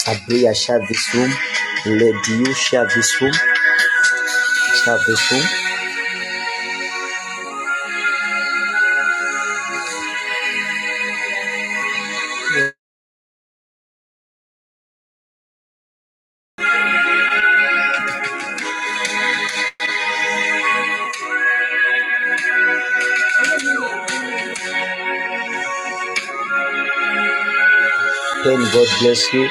Sabria, share this room. Lady, you share this room. Share this room. Then God bless you.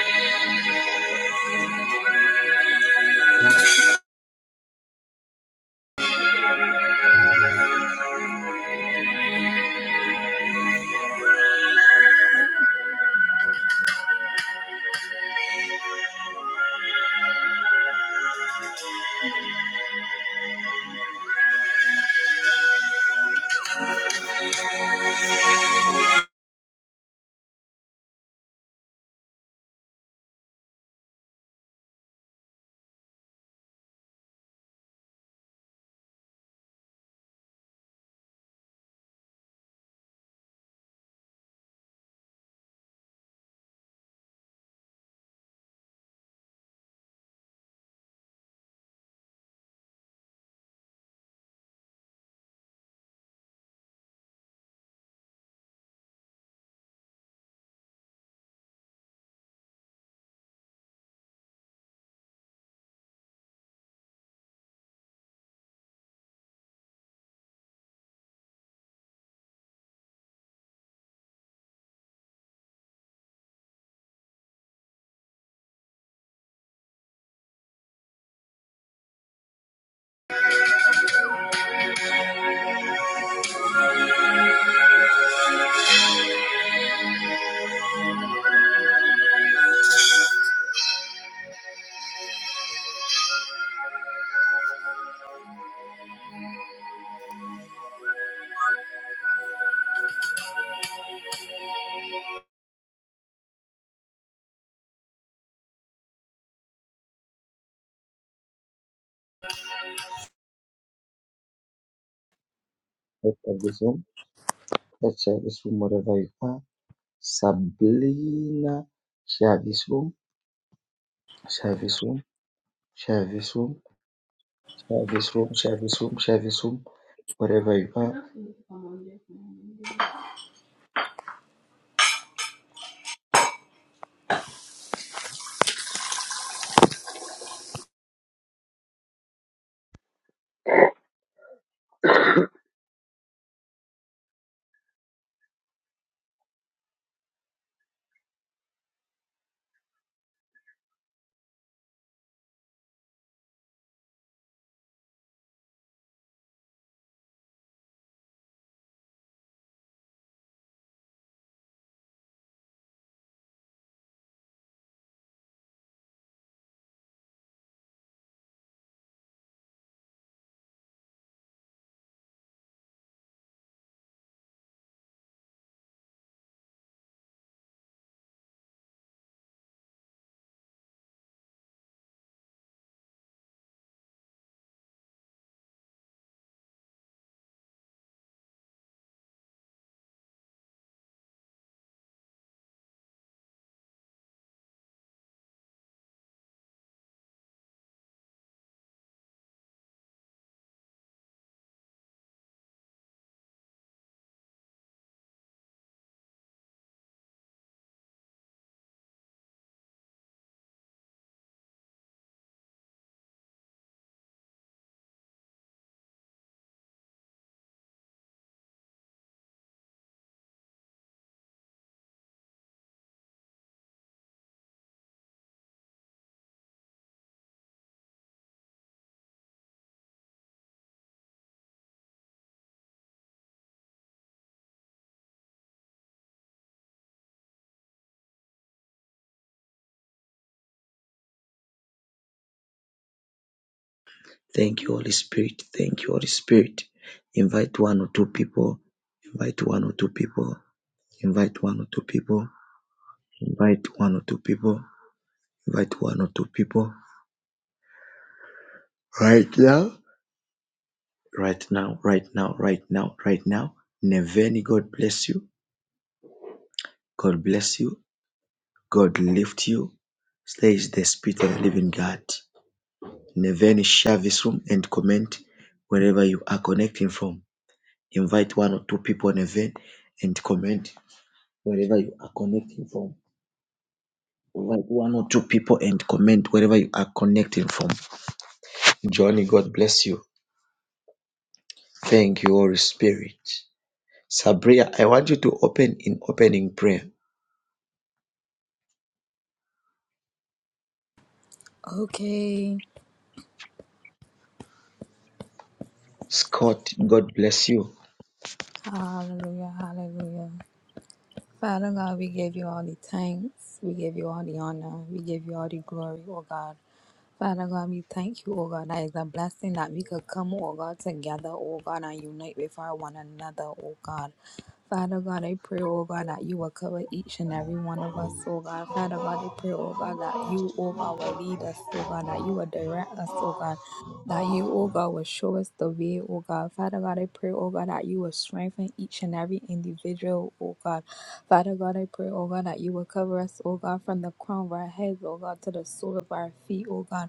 Let's share this room. Let's share this room wherever you are. Sabrina, share this room. Share this room. Share this room. Share this room. Share this room. Share this room. Wherever you are. Thank you, Holy Spirit. Thank you, Holy Spirit. Invite one or two people. Invite one or two people. Invite one or two people. Invite one or two people. Invite one or two people. Right now. Right now, right now, right now, right now. Neveni, God bless you. God bless you. God lift you. Says the Spirit of the Living God. Neveni, share this room and comment wherever you are connecting from. Invite one or two people, Neveni, and comment wherever you are connecting from. Invite one or two people and comment wherever you are connecting from. Johnny, God bless you. Thank you, Holy Spirit. Sabria, I want you to open in opening prayer. Okay. Scott, God bless you. Hallelujah. Hallelujah. Father God, we give you all the thanks. We give you all the honor. We give you all the glory, oh God. Father God, we thank you, oh God. That is a blessing that we could come, oh God, together, oh God, and unite with our one another, oh God. Father God, I pray, oh God, that you will cover each and every one of us, oh God. Father God, I pray, oh God, that you, oh God, will lead us, oh God, that you will direct us, oh God. That you, oh God, will show us the way, oh God. Father God, I pray, oh God, that you will strengthen each and every individual, oh God. Father God, I pray, oh God, that you will cover us, oh God, from the crown of our heads, oh God, to the sole of our feet, oh God.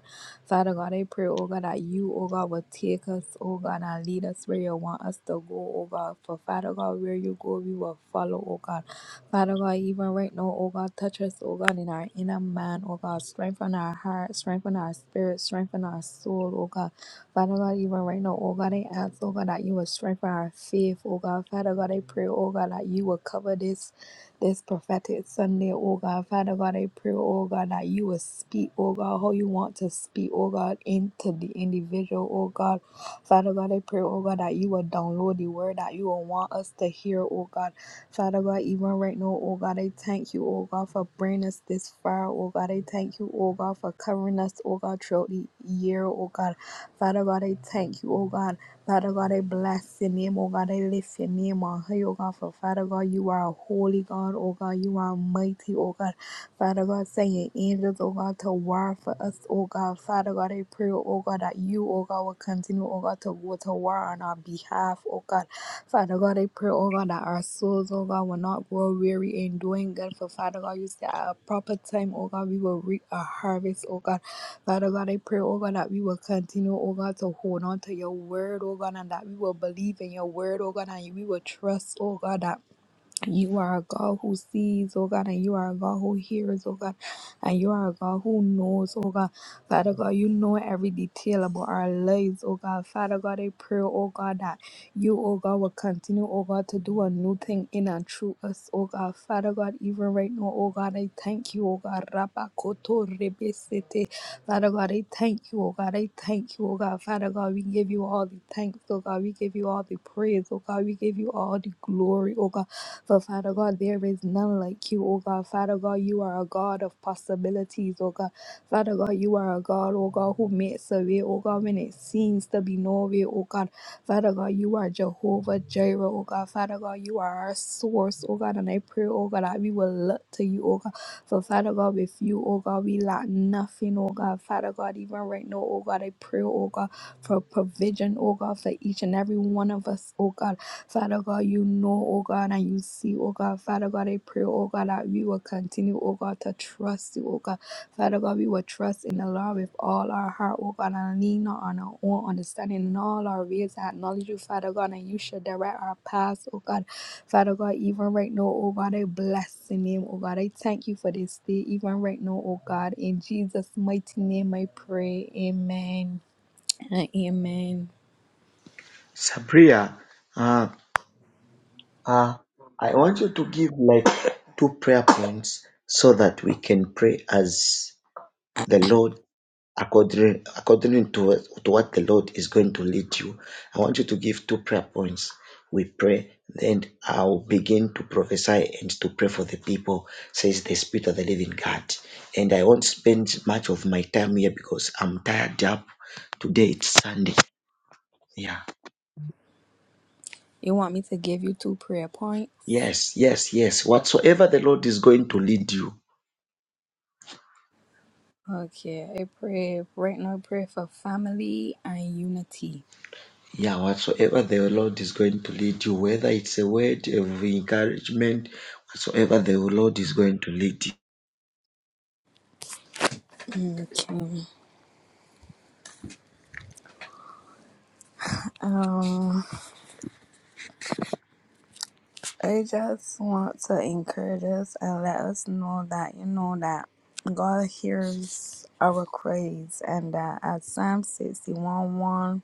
Father God, I pray, oh God, that you, oh God, will take us, oh God, and lead us where you want us to go, oh God. For Father God, where you go, we will follow, oh God. Father God, even right now, oh God, touch us, oh God, in our inner man, oh God. Strengthen our heart, strengthen our spirit, strengthen our soul, oh God. Father God, even right now, oh God, I ask, oh God, that you will strengthen our faith, oh God. Father God, I pray, oh God, that you will cover this this prophetic Sunday, oh God. Father God, I pray, oh God, that you will speak, oh God, how you want to speak, oh God, into the individual, oh God. Father God, I pray, oh God, that you will download the word that you will want us to hear, oh God. Father God, even right now, oh God, I thank you, oh God, for bringing us this far, oh God. I thank you, oh God, for covering us, oh God, throughout the year, oh God. Father God, I thank you, oh God. Father God, I bless your name, oh God. I lift your name on high, oh God. For Father God, you are a holy God, oh God. You are mighty, oh God. Father God, send your angels, oh God, to war for us, oh God. Father God, I pray, oh God, that you, oh God, will continue, oh God, to go to war on our behalf, oh God. Father God, I pray, oh God, that our souls, oh God, will not grow weary in doing good. For Father God, you say at a proper time, oh God, we will reap a harvest, oh God. Father God, I pray, oh God, that we will continue, oh God, to hold on to your word, oh God, and that we will believe in your word, oh God, and we will trust, oh God, that you are a God who sees, oh God, and you are a God who hears, oh God, and you are a God who knows, oh God. Father God, you know every detail about our lives, oh God. Father God, I pray, oh God, that you, oh God, will continue, oh God, to do a new thing in and through us, oh God. Father God, even right now, oh God, I thank you, oh God. Rabakoto rebesete. Father God, I thank you, oh God. I thank you, oh God. Father God, we give you all the thanks, oh God. We give you all the praise, oh God. We give you all the glory, oh God. For Father God, there is none like you, O God. Father God, you are a God of possibilities, O God. Father God, you are a God, O God, who makes a way, O God, when it seems to be no way, O God. Father God, you are Jehovah Jireh, O God. Father God, you are our source, O God. And I pray, O God, that we will look to you, O God. For Father God, with you, O God, we lack nothing, O God. Father God, even right now, O God, I pray, O God, for provision, O God, for each and every one of us, O God. Father God, you know, oh God, and you see, oh God. Father God, I pray, oh God, that we will continue, oh God, to trust you, oh God. Father God, we will trust in the Lord with all our heart, oh God, and lean not on our own understanding in all our ways. I Acknowledge you, Father God, and you should direct our paths, oh God. Father God, even right now, oh God, I bless the name, oh God. I thank you for this day, even right now, oh God. In Jesus' mighty name, I pray. Amen. and Amen. Sabria, uh, uh, I want you to give like two prayer points so that we can pray as the Lord according according to what, to what the Lord is going to lead you. I want you to give two prayer points. We pray, then I'll begin to prophesy and to pray for the people, says the Spirit of the Living God. And I won't spend much of my time here because I'm tired up. Today it's Sunday. Yeah. You want me to give you two prayer points? Yes, yes, yes. Whatsoever the Lord is going to lead you. Okay, I pray right now. I pray for family and unity. Yeah, whatsoever the Lord is going to lead you, whether it's a word of encouragement, whatsoever the Lord is going to lead you. Okay. Um, I just want to encourage us and let us know that you know that God hears our cries and that as Psalm 61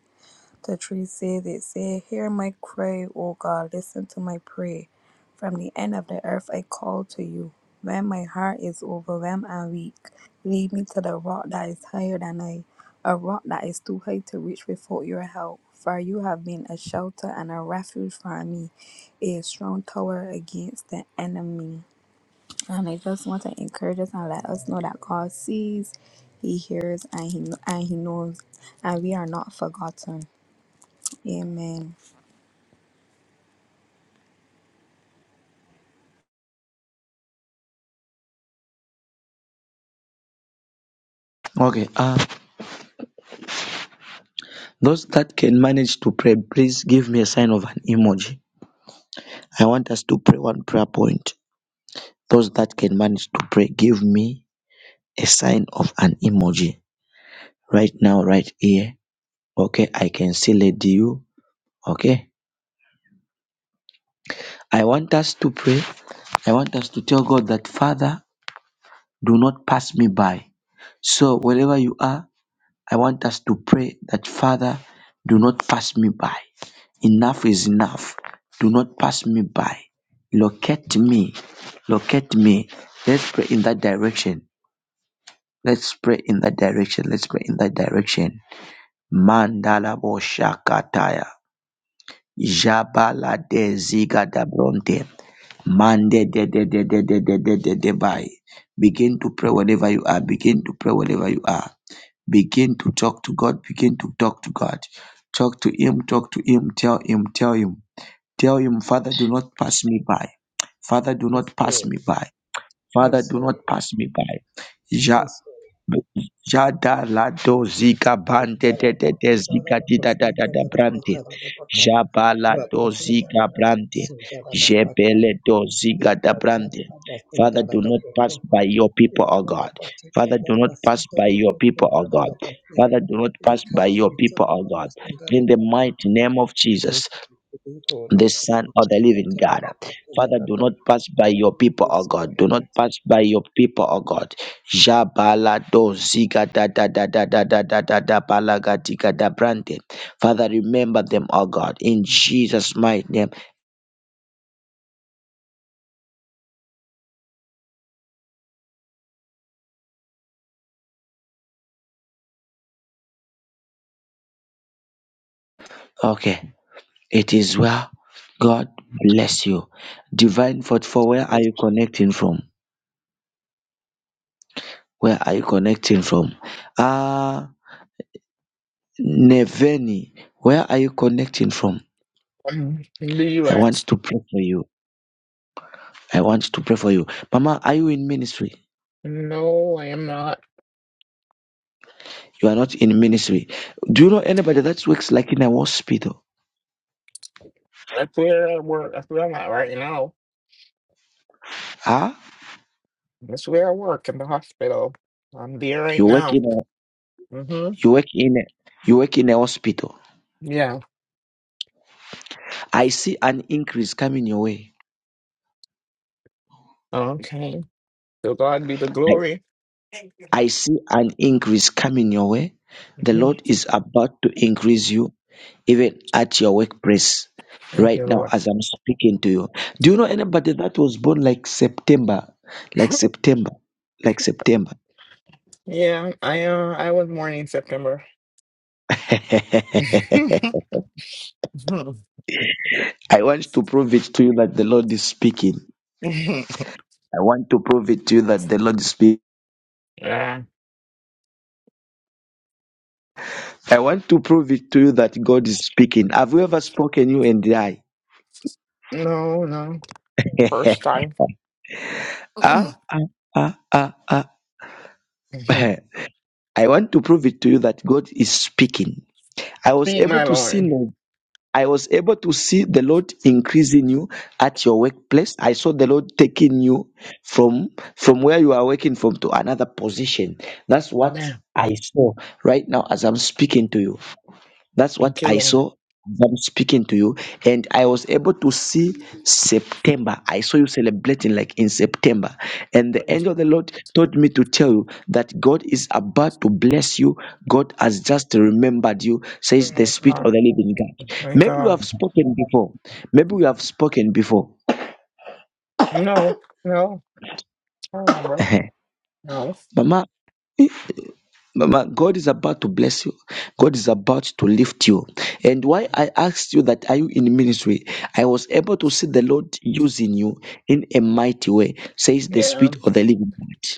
The tree said, It said, Hear my cry, O God, listen to my prayer. From the end of the earth I call to you. When my heart is overwhelmed and weak, lead me to the rock that is higher than I, a rock that is too high to reach without your help. For you have been a shelter and a refuge for me, a strong tower against the enemy. And I just want to encourage us and let us know that God sees, He hears, and He and He knows, and we are not forgotten. Amen. Okay. Uh, those that can manage to pray, please give me a sign of an emoji. I want us to pray one prayer point. Those that can manage to pray, give me a sign of an emoji right now, right here. Okay. I can see Lady you. Okay. I want us to pray. I want us to tell God that, Father, do not pass me by. So, wherever you are, I want us to pray that, Father, do not pass me by. Enough is enough. Do not pass me by. Locate me. Locate me. Let's pray in that direction. Let's pray in that direction. Let's pray in that direction. Mandala bo Jabala de ziga da bronte. Mande de de de de de de de de de by. Begin to pray wherever you are. Begin to pray wherever you are. Begin to talk to God. Begin to talk to God. Talk to Him. Talk to Him. Tell Him. Tell Him. Tell him, Father, do not pass me by. Father, do Yes, not pass Lord. me by. Father, Yes, do Lord. not pass me by. Ja- Yes, Lord. Jada la do zika bante de de de zika di da da da da brante. Jabala do zika brante. Jebele do zika da brante. Father, do not pass by your people, O God. Father, do not pass by your people, O God. Father, do not pass by your people, O God. In the mighty name of Jesus the Son of the Living God. Father, do not pass by your people, O God. Do not pass by your people, O God. Jabala do ziga da da da da da da da da da balaga diga da brande. Father, remember them, O God, in Jesus' mighty name. Okay, it is well. God bless you. Divine for where are Yes, you Yes, connecting from? Where are you connecting from? Ah, Neveni, where are you connecting from? in the I want US. to pray for you. I want to pray for you. Mama, are you in ministry? No, I am not. You are not in ministry. Do you know anybody that works like in a hospital? That's where I work. That's where I'm at right now. Huh? That's where I work in the hospital. I'm there right You work now. in a, Mm-hmm. you work in a, you work in a hospital. Yeah. I see an increase coming your way. Okay. So God be the I, glory. Thank you. I see an increase coming your way. The hmm Lord is about to increase you even at your workplace Thank you, right now Lord. as I'm speaking to you. Do you know anybody that was born like September? Like September. Like September. yeah, I uh, I was born in September. I want to prove it to you that the Lord is speaking. I want to prove it to you that the Lord is speaking. yeah. I want to prove it to you that God is speaking. Have you ever spoken you and I? No, no. First time. ah, ah, ah, ah, ah. Speak, I want to prove it to you that God is speaking. I was able my to see Lord. no- I was able to see the Lord increasing you at your workplace. I saw the Lord taking you from from where you are working from to another position. That's what Amen. I saw right now as I'm speaking to you. That's what Thank you, I Lord. saw as I'm speaking to you, and I was able to see September. I saw you celebrating like in September, and the Oh, angel of the Lord told me to tell you that God is about to bless you. God has just remembered you, says the my Spirit God. of the Living God. My Maybe you God. have spoken before. Maybe we have spoken before, No, no, I remember. No. Mama. Mama, God is about to bless you. God is about to lift you. And why I asked you that are you in ministry? I was able to see the Lord using you in a mighty way, says the Yeah, Spirit of the Living God.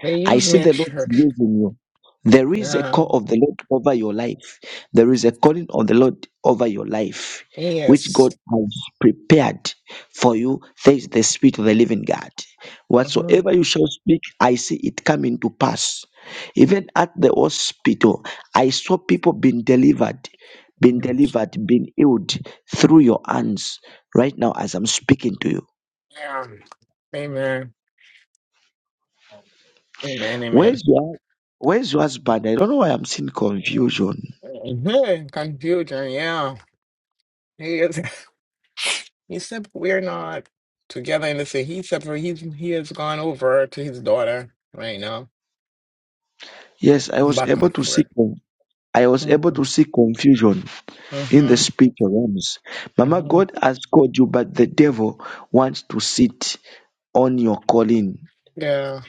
they I used see me at the Lord church. using you. There is a Yeah. call of the Lord over your life. There is a calling of the Lord over your life, which Yes. God has prepared for you. There is the Spirit of the living God. hmm Whatsoever you shall speak, I see it coming to pass. Even at the hospital, I saw people being delivered, being delivered, being healed through your hands right now as I'm speaking to you. Yeah. Amen. Amen. Amen. Where's your Where's your husband? I don't know why I'm seeing confusion. Mhm. Confusion. Yeah. He is. He said we're not together in the city. He said for he's he has gone over to his daughter right now. Yes, I was My able to see comfort. con- I was able Mm-hmm. to see confusion in the Mm-hmm. spiritual realms. Mama, Mm-hmm. God has called you, but the devil wants to sit on your calling. Yeah.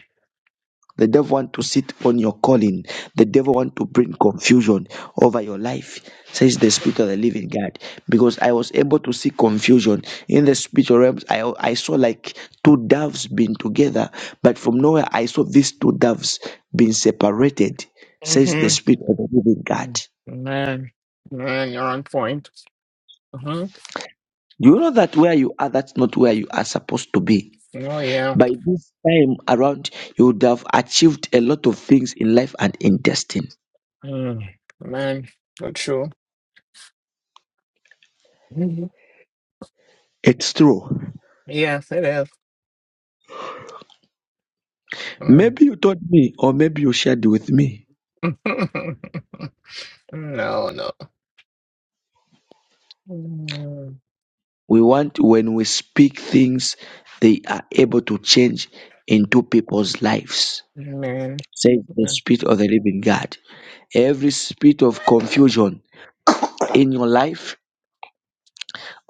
The devil want to sit on your calling. The devil want to bring confusion over your life, says the Spirit of the Living God. Because I was able to see confusion in the spiritual realms. I, I saw like two doves being together, but from nowhere I saw these two doves being separated, says Mm-hmm. the Spirit of the Living God. Mm, Man, man, you're on point. Uh-huh. Do you know that where you are, that's not where you are supposed to be? Oh yeah. By this time around, you would have achieved a lot of things in life and in destiny. Mm, Man, that's true. Mhm. It's true. Yes, it is. Mm. Maybe you taught me, or maybe you shared with me. No, no. Mm, We want when we speak things, they are able to change into people's lives. Man, Says the Mm, Spirit of the Living God. Every spirit of confusion in your life,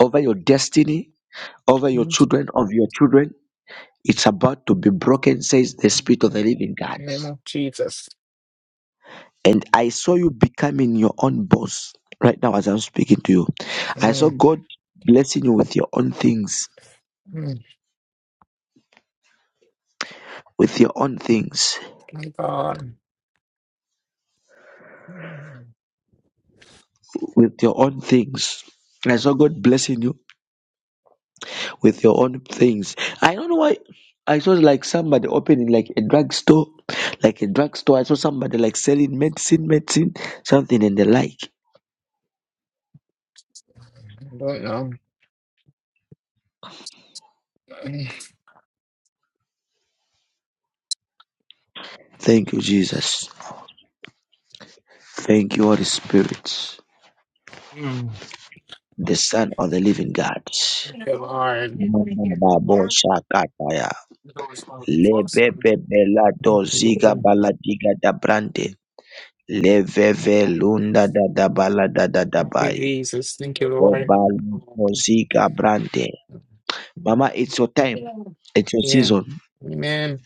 over your destiny, over your mm, children, of your children, it's about to be broken, says the Spirit of mm. the Living God. name of Jesus. And I saw you becoming your own boss right now as I'm speaking to you. I saw Mm, God blessing you with your own things mm, with your own things. My God, Mm, With your own things. I saw God blessing you with your own things. I don't know why. I saw like somebody opening like a drugstore, like a drugstore. I saw somebody like selling medicine, medicine, something and the like. I don't know. Mm, Thank you, Jesus. Thank you, Holy Spirit, the Son of the Living God. Good Lord. Lebebebela doziga baladiga da brande. Leveve lunda da da bala da da da Thank you, bai. Jesus. Thank you, Lord. Mozika brande. Mama, it's your time. It's your Yeah. season. Amen.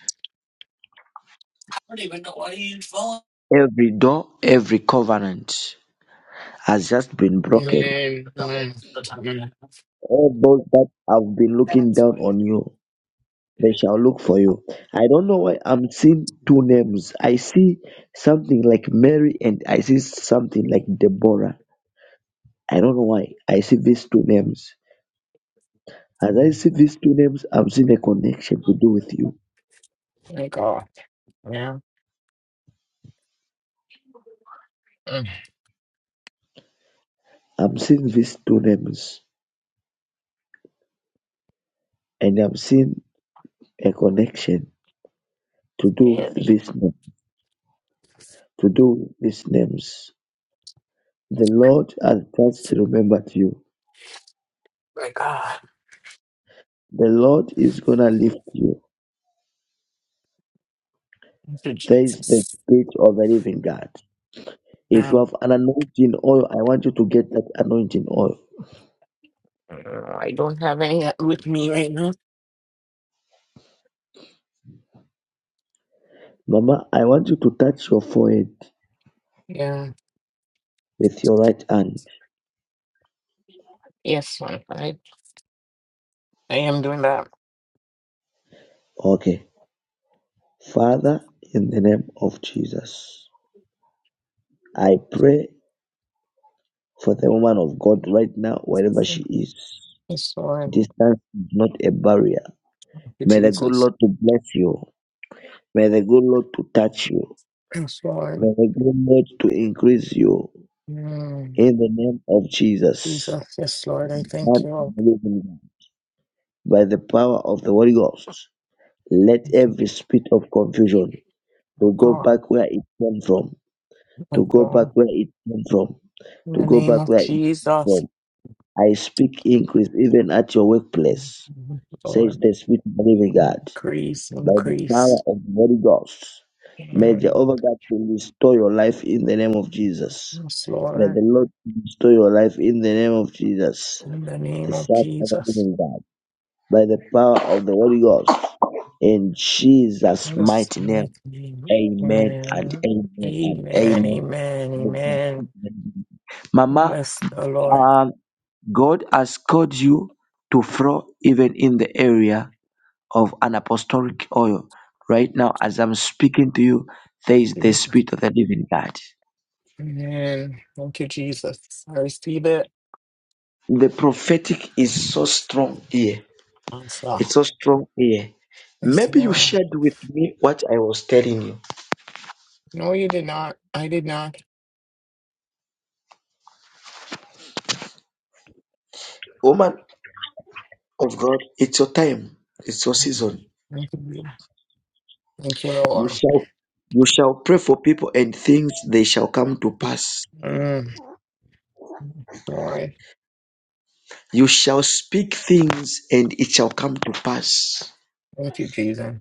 I don't even know why you use phone. Every door, every covenant has just been broken. Amen. Amen. Amen. All those that have been looking down on you, they shall look for you. I don't know why I'm seeing two names. I see something like Mary and I see something like Deborah. I don't know why I see these two names. As I see these two names, I'm seeing a connection to do with you. Thank God. Yeah. Mm. I'm seeing these two names, and I'm seeing a connection to do with this name, to do with these names. The Lord has just remembered you. The Lord is gonna lift you. There is the spirit of the living God. If you Now, have an anointing oil, I want you to get that anointing oil. uh, I don't have any uh, with me right now. Mama, I want you to touch your forehead Yeah. with your right hand. Yes, Lord. I, I am doing that. Okay. Father, in the name of Jesus, I pray For the woman of God right now, wherever she is, Yes, Lord. distance is not a barrier. Thank you, May the good Jesus. Lord to bless you. May the good Lord to touch you. Yes, May Lord. the good Lord to increase you Mm. in the name of Jesus. Jesus. Yes, Lord. I thank Son of you. Lord. the living God, By the power of the Holy Ghost, let every spirit of confusion Oh, to go God. back where it came from, to Oh, go back God. where it came from, In to the go name back of where it came Jesus. from. I speak increase even at your workplace. Mm, says Lord. the Spirit of living God, Increase, by the power increase. of the Holy Ghost. May Mm. Jehovah God to restore your life in the name of Jesus. Yes, May the Lord, Lord restore your life in the name of Jesus, in the the name of Son of the Jesus. living God, by the power of the Holy Ghost. In In Jesus' the mighty name, mighty name. amen and Amen. amen and Amen. amen. Amen. Amen. Mama, Bless the Lord. um, God has called you to flow even in the area of an apostolic oil. Right now, as I'm speaking to you, there is the Spirit of the living God. Amen. Thank you, Jesus. I receive it. The prophetic is so strong here. Also, It's so strong here. yes, Maybe you Lord. shared with me what I was telling you. No, you did not. I did not. Woman of God, it's your time. It's your season. Thank you. Thank you, You Lord. shall you shall pray for people and things they shall come to pass. Mm, Lord. You shall speak things and it shall come to pass. Thank you, Jesus.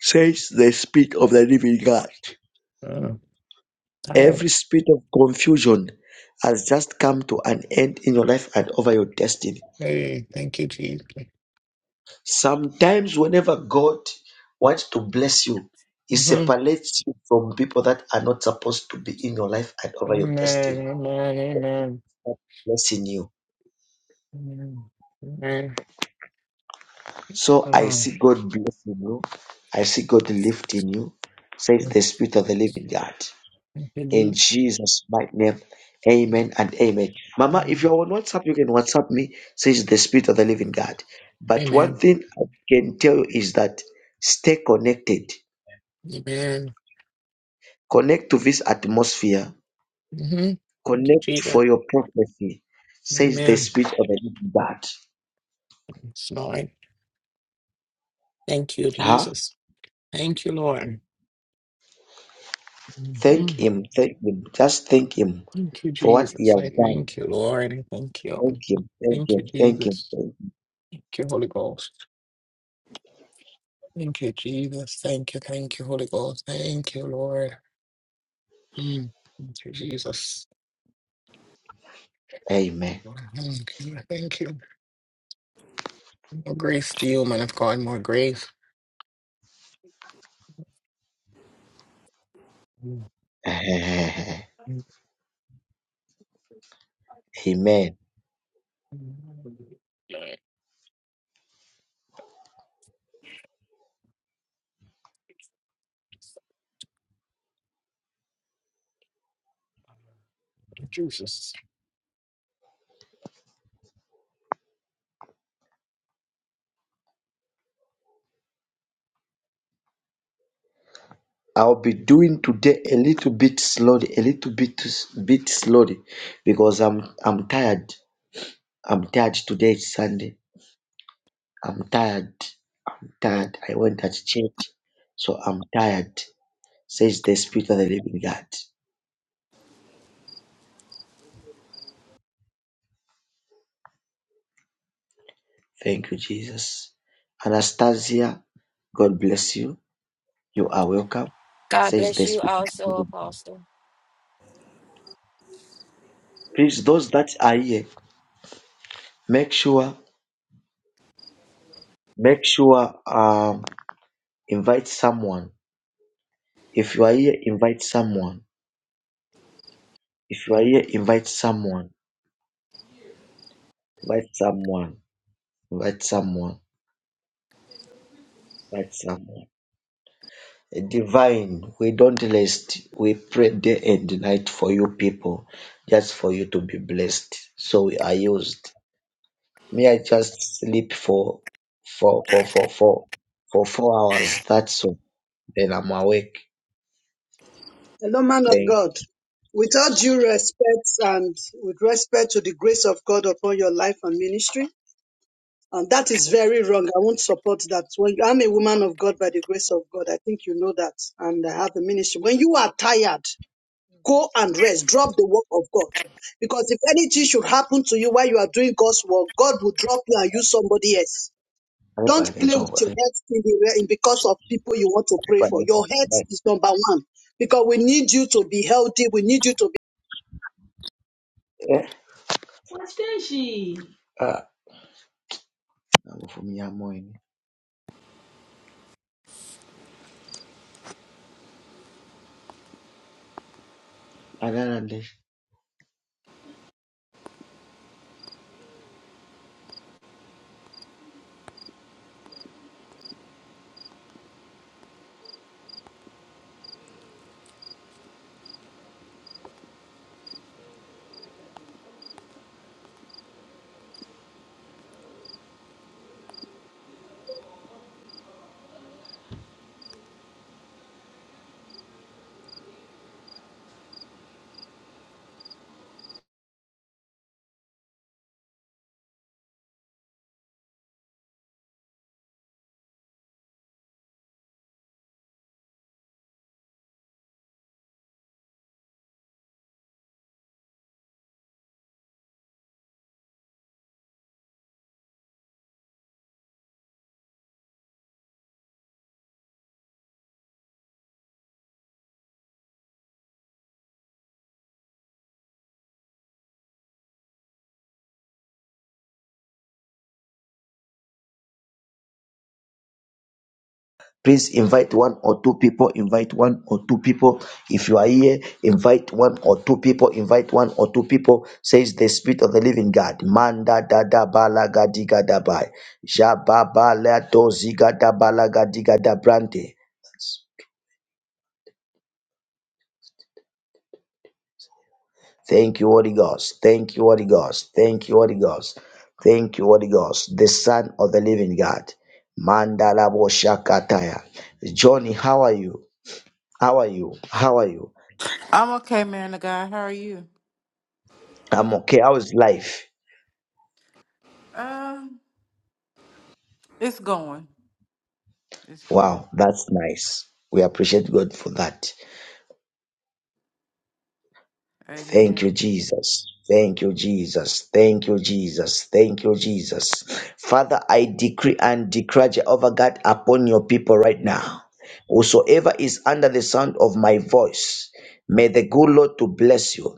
Says the spirit of the living God. Mm, tired. Every spirit of confusion has just come to an end in your life and over your destiny. Hey, thank you, Jesus. Sometimes, whenever God wants to bless you, He hmm separates you from people that are not supposed to be in your life and over your destiny. Amen. Amen. Amen. God Blessing you. Amen. Amen. So I Oh, see God blessing you. I see God lifting you, says the Spirit of the Living God. Thank in you, Jesus' mighty name. Jesus. Amen and amen. Mama, if you're on WhatsApp, you can WhatsApp me, says the Spirit of the Living God. But one Amen. thing I can tell you is that stay connected. Amen. Connect to this atmosphere. Mm-hmm. Thank you, Connect Jesus. for your prophecy, says the Amen. Spirit of the Living God. Yes, Lord. Thank you, Huh? Jesus. Thank you, Lord. hmm Thank Him. Thank Him. Just thank Him Thank you, for what He Jesus. has I done. thank you, Lord. I thank you. Thank Him. Thank Thank you, Him. Thank Him. Jesus. Thank him. Thank you, Holy Ghost. Thank you, Jesus. Thank you, thank you, Holy Ghost. Thank you, Lord. Mm. Thank you, Jesus. Amen. Mhm. Thank you. More grace to you, man of God. More grace. Amen. Jesus. I'll be doing today a little bit slowly, a little bit bit slowly because I'm I'm tired. I'm tired today is Sunday. I'm tired. I'm tired. I went at church, so I'm tired. Says the Spirit of the Living God. Thank you, Jesus. Anastasia, God bless you. You are welcome. God Says bless the you Spirit. also, Apostle. Please, those that are here, make sure make sure um invite someone. If you are here, invite someone If you are here, invite someone, invite someone, invite someone, invite someone. A divine, we don't list. We pray day and night for you people, just for you to be blessed. So we are used. May I just sleep for for for for for for four hours. That's all. Then I'm awake. Hello, man of Thank you. God. With all due respect and with respect to the grace of God upon your life and ministry, and that is very wrong. I won't support that. When I'm a woman of God by the grace of God, I think you know that, and I have a ministry. When you are tired, go and rest. Drop the work of God, because if anything should happen to you while you are doing God's work, God will drop you and use somebody else. I hope Don't I get play with over. your I health in the in- because of people you want to hope pray I for. get Your health over. is number one because we need you to be healthy. We need you to Eh? What is she? Ah, I'm from Nyamoyin. please invite one or two people invite one or two people if you are here invite one or two people invite one or two people says the spirit of the living god manda da da bala gadiga da bai jababala doziga da bala gadiga da brante thank you holy ghost thank you holy ghost thank you holy ghost thank you holy ghost the son of the living god mandala boshakataya johnny how are you how are you how are you I'm okay, man of God. How are you? I'm okay. How's life? Um, it's going. It's going. Wow, that's nice. We appreciate God for that. Thank Amen. you, Jesus. Thank you, Jesus. Thank you, Jesus. Thank you, Jesus. Father, I decree and declare Jehovah God upon your people right now. Whosoever is under the sound of my voice, may the good Lord to bless you.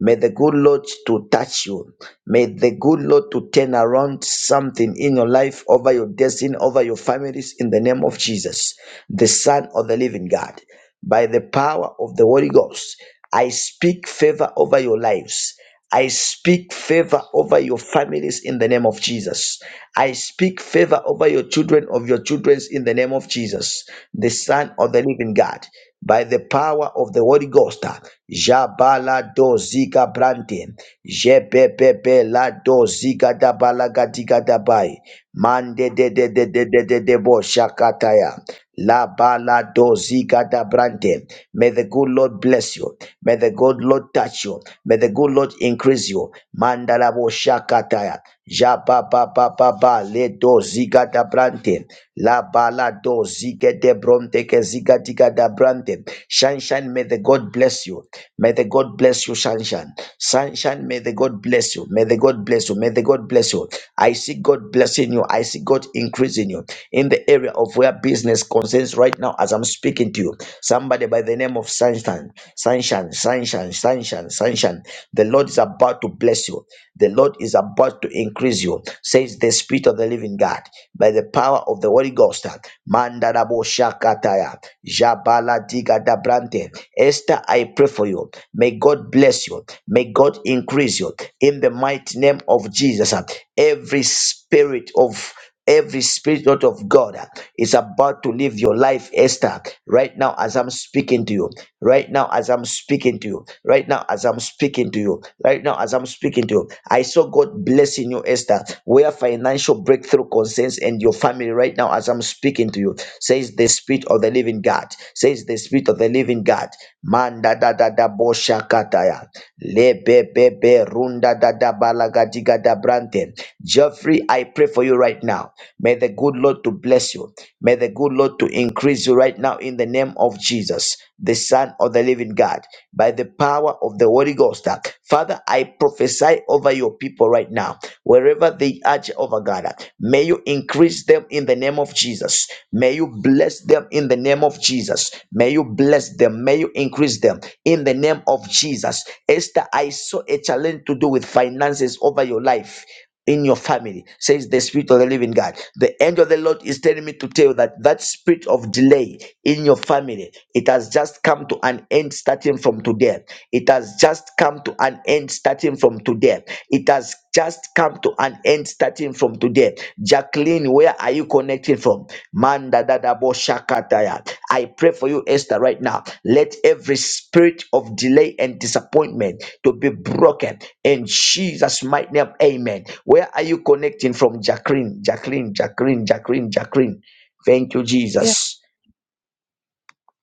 May the good Lord to touch you. May the good Lord to turn around something in your life, over your destiny, over your families, in the name of Jesus, the Son of the Living God by the power of the Holy Ghost. I speak favor over your lives. I speak favor over your families in the name of Jesus. I speak favor over your children of your children's in the name of Jesus, the Son of the Living God, by the power of the Holy Ghost. Jabala do ziga brante, jebebebe la do ziga da balaga diga da bai, mande de de de de de de de bo shakataya, la bala do ziga da brante. May the good Lord bless you. May the good Lord touch you. May the good Lord increase you. Mandala Mandalabo shakataya. ja ba ba ba ba ba le do ziga da brante la bala do ziga de bronte ke ziga diga da brante sunshine may the God bless you may the God bless you sunshine sunshine may the God bless you may the God bless you may the God bless you I see God blessing you I see God increasing you in the area of where business concerns right now as I'm speaking to you. Somebody by the name of Sunshine, Sunshine, Sunshine, Sunshine, Sunshine. The Lord is about to bless you. The Lord is about to increase you, says the Spirit of the Living God, by the power of the Holy Ghost. Mandarabo Shakataya, Jabala Diga Dabrante. Esther, I pray for you. May God bless you. May God increase you. In the mighty name of Jesus, every spirit of Every spirit of God uh, is about to live your life, Esther, right now as I'm speaking to you, right now as I'm speaking to you, right now as I'm speaking to you, right now as I'm speaking to you. I saw God blessing you, Esther, where financial breakthrough concerns and your family right now as I'm speaking to you, says the Spirit of the Living God, says the Spirit of the Living God. Manda da da da bo shakataya. Lebebebe runda dada balagadiga da brante. Geoffrey, I pray for you right now. May the good Lord to bless you. May the good Lord to increase you right now in the name of Jesus, the Son of the Living God, by the power of the Holy Ghost. Father, I prophesy over your people right now, wherever they are, over God. May you increase them in the name of Jesus. Jesus. May you bless them in the name of Jesus. May you bless them. May you increase them in the name of Jesus. Esther, I saw a challenge to do with finances over your life. In your family, says the Spirit of the Living God. The angel of the Lord is telling me to tell you that that spirit of delay in your family, it has just come to an end starting from today. It has just come to an end starting from today. It has just come to an end starting from today. Jacqueline, where are you connecting from? Manda dadabo shakataya. I pray for you, Esther, right now. Let every spirit of delay and disappointment to be broken in Jesus' mighty name. Amen. Where are you connecting from, Jacqueline? Jacqueline, Jacqueline, Jacqueline, Jacqueline. Thank you, Yeah, Jesus.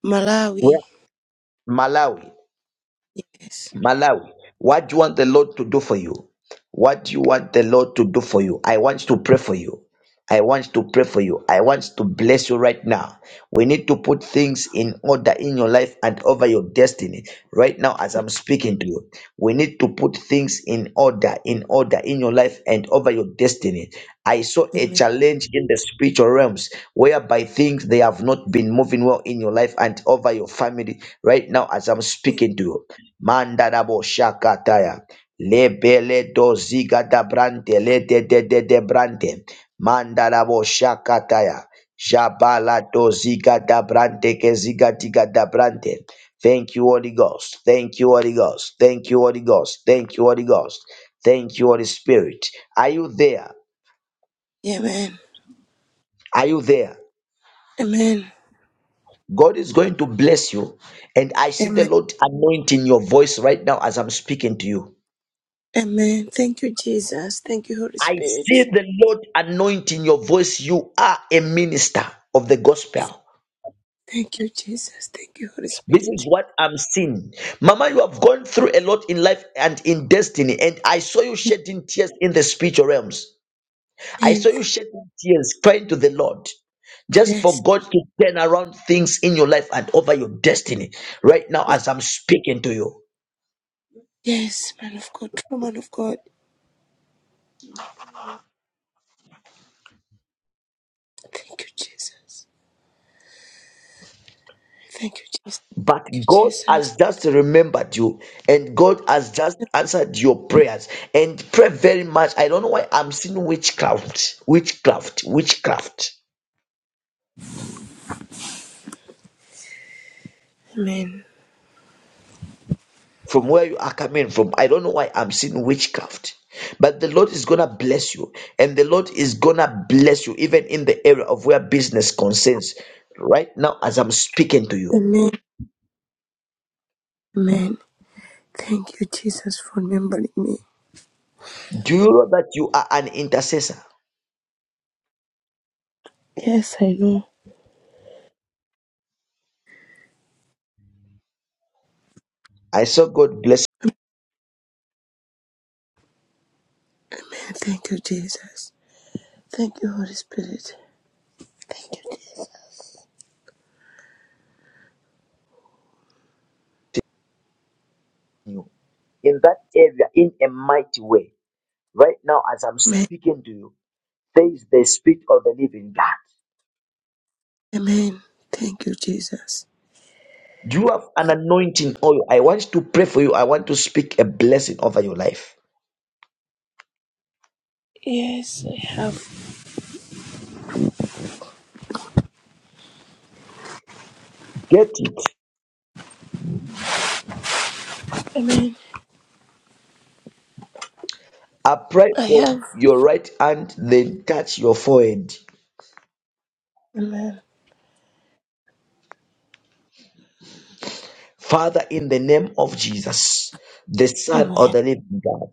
Malawi. Where? Malawi. Yes. Malawi, what do you want the Lord to do for you? What do you want the Lord to do for you? I want to pray for you. I want to pray for you. I want to bless you right now. We need to put things in order in your life and over your destiny. Right now, as I'm speaking to you, we need to put things in order, in order in your life and over your destiny. I saw a Amen. challenge in the spiritual realms whereby things they have not been moving well in your life and over your family. Right now, as I'm speaking to you. Mandarabo shakataya. Lebele doziga da brante le de de de de brante. Mandarabo shakataya. Jabala doziga da brante ke ziga diga da brante. Thank you, Holy Ghost. Thank you, Holy Ghost. Thank you, Holy Ghost. Thank you, Holy Ghost. Thank you, Holy Spirit. Are you there? Yeah, Amen. Are you there? Amen. God is going to bless you. And I see the Amen. Lord anointing your voice right now as I'm speaking to you. Amen. Thank you, Jesus. Thank you, Holy I see Spirit. the Lord anointing your voice. You are a minister of the gospel. Thank you, Jesus. Thank you, Holy This is Spirit. what I'm seeing. Mama, you have gone through a lot in life and in destiny. And I saw you shedding tears in the spiritual realms. I saw And you thank shedding tears, crying to the Lord just for yes, God to turn around things in your life and over your destiny right now as I'm speaking to you. yes, man of God, true man of God. Thank you, Jesus. Thank you, Jesus. But Thank you, God Jesus. has just remembered you, and God has just answered your prayers. And pray very much. I don't know why I'm seeing witchcraft, witchcraft, witchcraft Amen. from where you are coming from. I don't know why I'm seeing witchcraft. But the Lord is gonna bless you, and the Lord is gonna bless you, even in the area of where business concerns. Right now, as I'm speaking to you, Amen. Amen. Thank you, Jesus, for remembering me. do you know that you are an intercessor? Yes, I know. I saw God blessing Amen. Thank you, Jesus. Thank you, Holy Spirit. Thank you in that area in a mighty way Right now, as I'm you. speaking to you, there is the Spirit of the living God. Amen. Thank you, Jesus. You have an anointing oil. I want to pray for you. I want to speak a blessing over your life. Yes, I have. Get it. Amen. Apply I from have. your right hand, then touch your forehead. Amen. Father, in the name of Jesus, the Son of Amen. the Living God,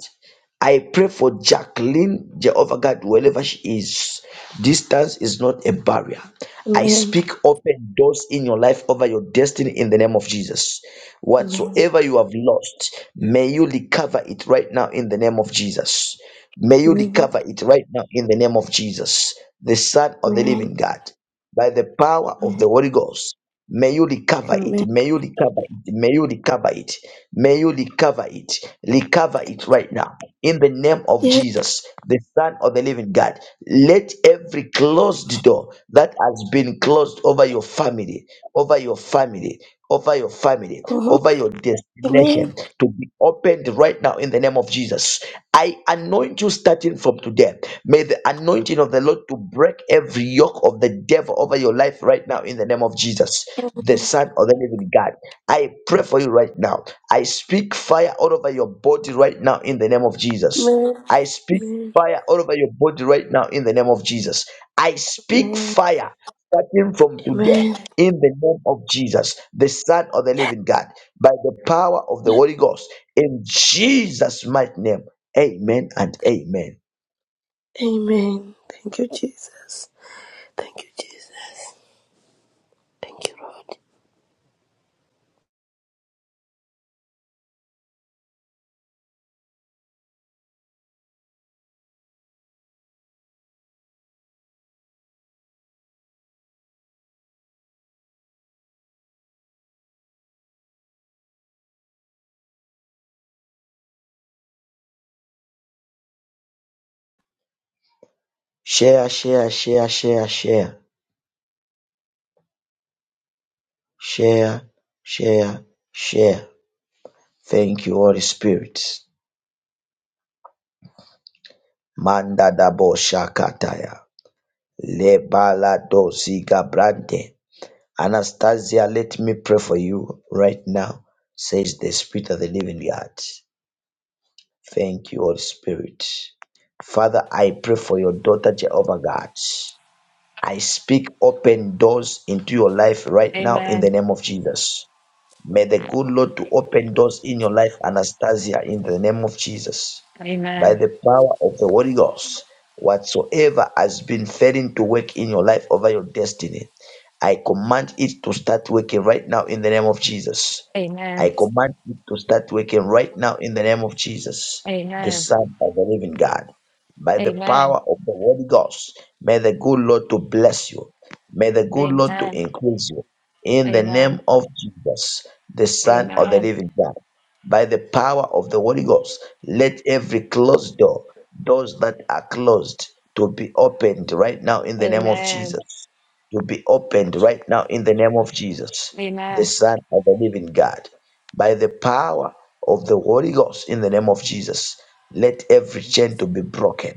I pray for Jacqueline, Jehovah God, wherever she is. Distance is not a barrier. I Amen. speak open doors in your life over your destiny in the name of Jesus. Amen. Whatsoever you have lost, may you recover it right now in the name of Jesus. May you Amen. Amen. recover it right now in the name of Jesus, the Son of the Living God, by the power of Amen. the Holy Ghost. May you recover it. Amen. May you recover it. May you recover it. May you recover it. Recover it right now. In the name of Yes. Jesus, the Son of the Living God. Let every closed door that has been closed over your family, over your family, over your family, Mhm. over your Amen. destination to be opened right now in the name of Jesus. I anoint you starting from today. May the anointing of the Lord to break every yoke of the devil over your life right now in the name of Jesus the Amen. Son of the Living God. I pray for you right now. I speak fire all over your body right now in the name of Jesus. I speak Amen. fire all over your body right now in the name of Jesus. I speak Amen. fire starting from today Amen. in the name of Jesus, the Son of the Living God, by the power of the Holy Ghost in Jesus' mighty name. Amen and amen. Amen. Thank you, Jesus. Thank you, Jesus. Thank you, Lord. Share, share, share, share, share, share, share, share. Thank you, Holy Spirit. Manda da bo shakataya. Lebala do ziga brande. Anastasia, let me pray for you right now, says the Spirit of the Living God. Thank you, Holy Spirit. Father, I pray for your daughter, Jehovah God. I speak open doors into your life right now in the Amen. name of Jesus. May the good Lord to open doors in your life, Anastasia, in the name of Jesus. By Amen. the power of the Holy Ghost, whatsoever has been failing to work in your life over your destiny, I command it to start working right now in the name of Jesus. Amen. I command it to start working right now in the name of Jesus, the Amen. Son of the Living God. By the Amen. power of the Holy Ghost, may the good Lord to bless you. May the good Lord to Amen. increase you in the name Amen. Amen. of Jesus, the Son of the Amen. Living God, by the power of the Holy Ghost, let every closed door, doors that are closed, to be opened right now in the name of Amen. Jesus, to be opened right now in the name of Jesus, the Amen. Son of the Living God, by the power of the Holy Ghost in the name of Jesus, let every chain to be broken,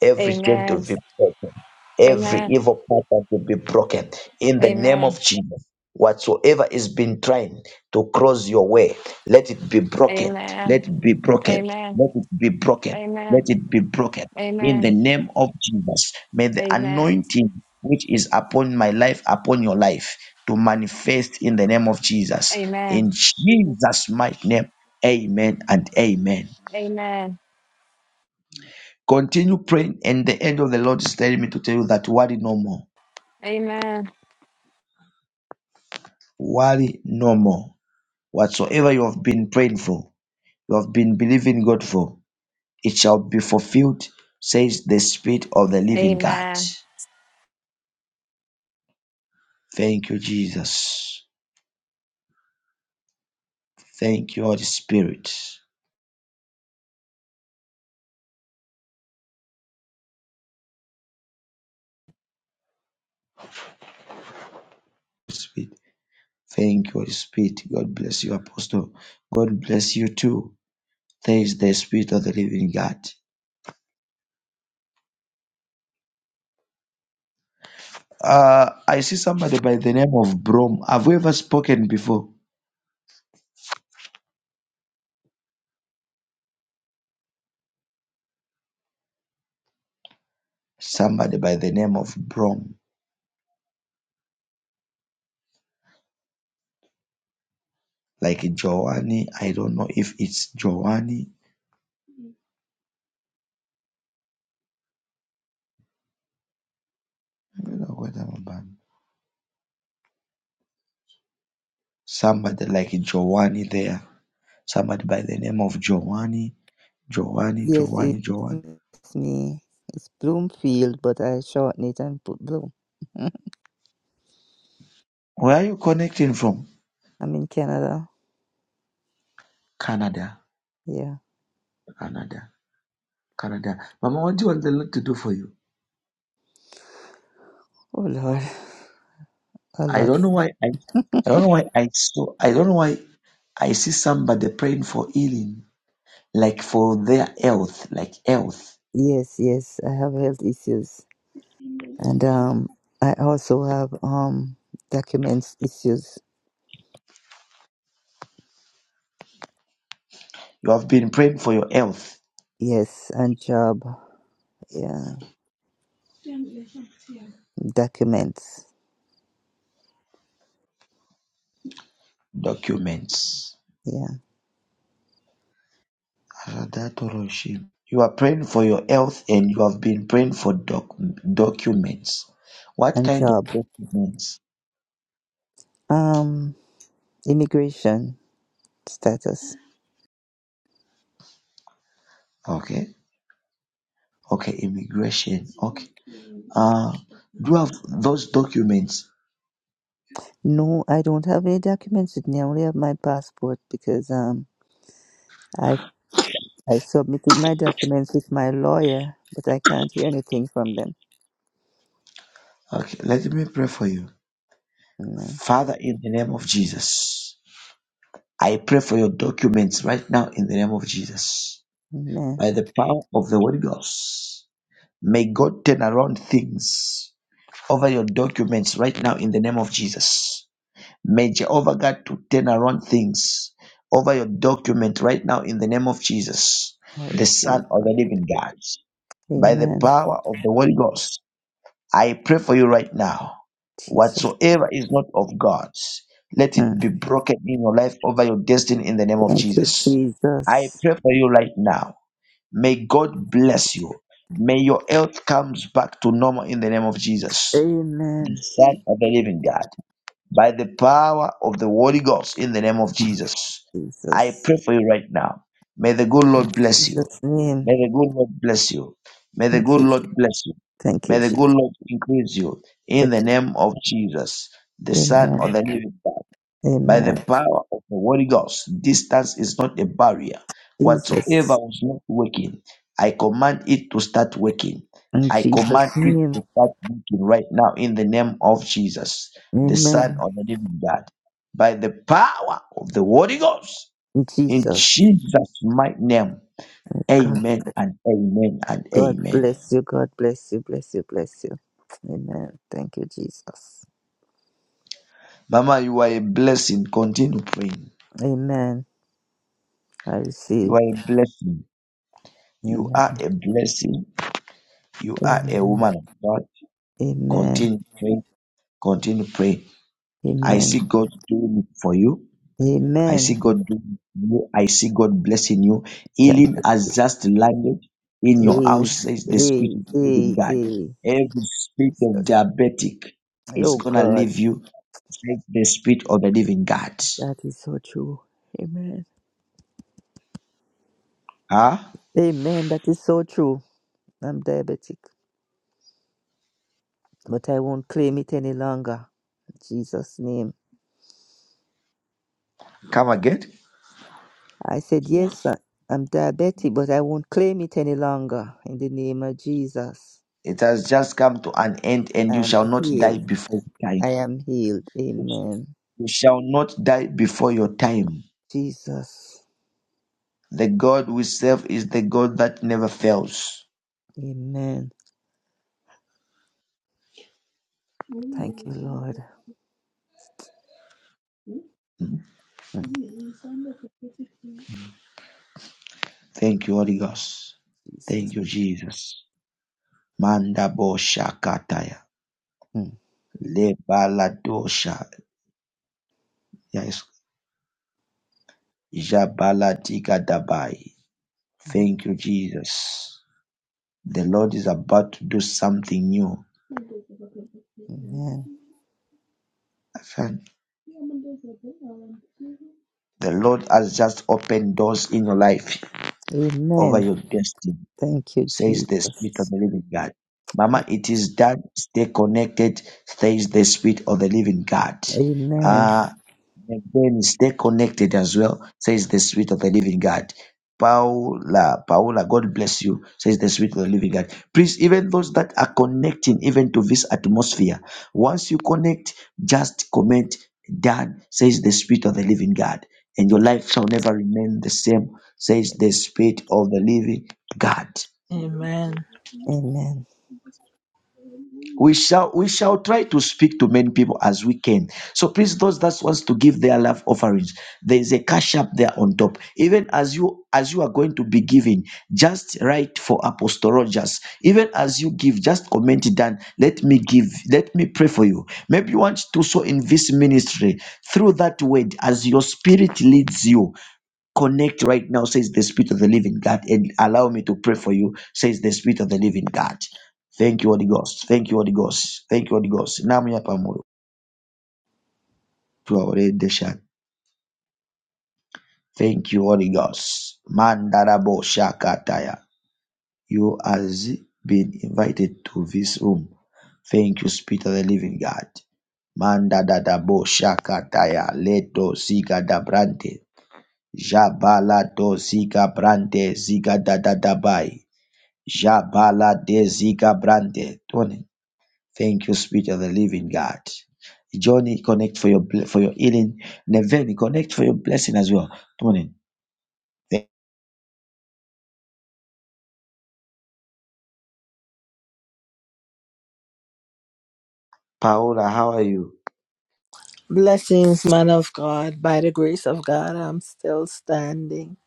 every chain to Amen. be broken, Amen. every Amen. evil pattern to be broken in the name of Amen. Jesus whatsoever is been trying to cross your way let it be broken Amen. let it be broken Amen. let it be broken let Amen. it be broken in the Amen. name of jesus may the Amen. anointing which is upon my life upon your life to manifest in the name of jesus in jesus mighty name amen and amen continue praying and the end of the lord is telling me to tell you that worry no more Amen. worry no more whatsoever you have been praying for you have been believing God for, it shall be fulfilled, says the Spirit of the living God. Amen. Thank you, Jesus. Thank you, Holy Spirit. Spirit. Thank you, Holy Spirit. God bless you, Apostle. God bless you too. Thanks the Spirit of the living God. Uh, I see somebody by the name of Brom. Have we ever spoken before? Somebody by the name of Brom, like Joanne. I don't know if it's Joanne. I don't know what I'm about. somebody like Giovanni there, somebody by the name of Giovanni, Giovanni, Yes, Giovanni, Giovanni. it's me. It's Bloomfield, but I shorten it and put Bloom. Where are you connecting from? I'm in Canada. Canada, Yeah. Canada, Canada. Mama, what do you want the Lord to do for you? Oh Lord, a I lot. don't know why. I, I don't know why I saw. I don't know why I see somebody praying for healing, like for their health, like health. Yes, yes. I have health issues, and um, I also have um, documents issues. You have been praying for your health Yes, and job. Yeah, documents. documents Yeah, Adatoroshim. You are praying for your health and you have been praying for doc- documents. What and kind of job. documents? Um, immigration status. Okay. Okay, immigration. Okay. Uh, do you have those documents? No, I don't have any documents with me. I only have my passport because um. I've. I submitted my documents with my lawyer, but I can't hear anything from them. Okay, let me pray for you. Amen. Father, in the name of Jesus, I pray for your documents right now in the name of Jesus. Amen. By the power of the Holy Ghost, may God turn around things over your documents right now in the name of Jesus. May Jehovah God to turn around things over your document right now in the name of Jesus, I the receive Son of Lord. the Living God. By the Amen. power of the Holy Ghost, I pray for you right now. Jesus. Whatsoever is not of God, let it Hmm. be broken in your life over your destiny in the name of Thank you, Jesus. I Jesus. pray for you right now. May God bless you. May your health comes back to normal in the name of Jesus, the Amen. Son of the Living God by the power of the Holy Ghost in the name of Jesus. I Jesus. pray for you right now. May the good Lord bless you. Jesus' May name. the good Lord bless you. May the Thank good you, Lord Jesus. bless you. Thank you, May the Jesus. good Lord increase you in Thank the name of Jesus, the you. Son of the Amen. living God. By the Amen. power of the Holy Ghost, distance is not a barrier. Whatsoever Jesus. was not working, I command it to start working. In I Jesus' command it name. to start working right now in the name of Jesus, the Son Amen. of the Living God. By the power of the Holy Ghost, in Jesus. Jesus' mighty name, God, amen and amen and God amen. bless you. God bless you. Bless you. Bless you. Amen. Thank you, Jesus. Mama, you are a blessing. Continue praying. Amen. I You receive. are a blessing. You Amen. are a blessing. You are Amen. a woman of God. Amen. Continue praying. Continue praying. I Amen. see God doing it for you. I see Amen. God doing it for you. I see God blessing you. Thank Healing you. has just landed in your Hey, house, says the Spirit hey, of the living hey, God. hey. Every spirit of Jesus. diabetic is Oh going to God. leave you, says the Spirit of the living God. That is so true. Amen. Huh? Amen. That is so true. I'm diabetic, but I won't claim it any longer. In Jesus' name. Come again. I said, Yes, sir. I'm diabetic, but I won't claim it any longer. In the name of Jesus. It has just come to an end, and you I'm shall not die healed. before your time. I am healed. Amen. You shall not die before your time. Jesus. The God we serve is the God that never fails. Amen. Thank you, Lord. Mm. Mm, Thank you, Holy Ghost. Jesus. Thank you, Jesus. Manda bosha kataya. Mm, Le baladosha. Yes. Jabalatika dabai. mm, Thank you, Jesus. The Lord is about to do something new. Amen. The Lord has just opened doors in your life over Amen. your destiny. Thank you, says the Spirit of Jesus. the living God. Mama, it is done. Stay connected, says the Spirit of the living God. Amen. Uh, Again, stay connected as well, says the Spirit of the Living God. Paula, Paula, God bless you, says the Spirit of the Living God. Please, even those that are connecting, even to this atmosphere, once you connect, just comment, done, says the Spirit of the Living God. And your life shall never remain the same, says the Spirit of the Living God. Amen. Amen. we shall we shall try to speak to many people as we can so please those that wants to give their love offerings there is a cash up there on top even as you as you are going to be giving just write for apostle rogers even as you give just comment it down let me give let me pray for you maybe you want to sow in this ministry through that word as your spirit leads you Connect right now, says the Spirit of the Living God, and allow me to pray for you, says the Spirit of the Living God. Thank you, Holy Ghost. Thank you, Holy Ghost. Thank you, Holy Ghost. Namu ya pamoja. Tuwaende shaka. Thank you, Holy Ghost. Mandarabo Shakataya. You has been invited to this room. Thank you, Spirit of the Living God. Mandadadabo Shakataya. Leto Zika Dabrante. Jabala to Zika Brante Zika Dadadabai. Jabala de Ziga Brande. Tony, thank you, Spirit of the Living God. Johnny, connect for your ble- for your healing. Neveni, connect for your blessing as well. Tony, thank- Paola, how are you? Blessings, man of God. By the grace of God, I'm still standing.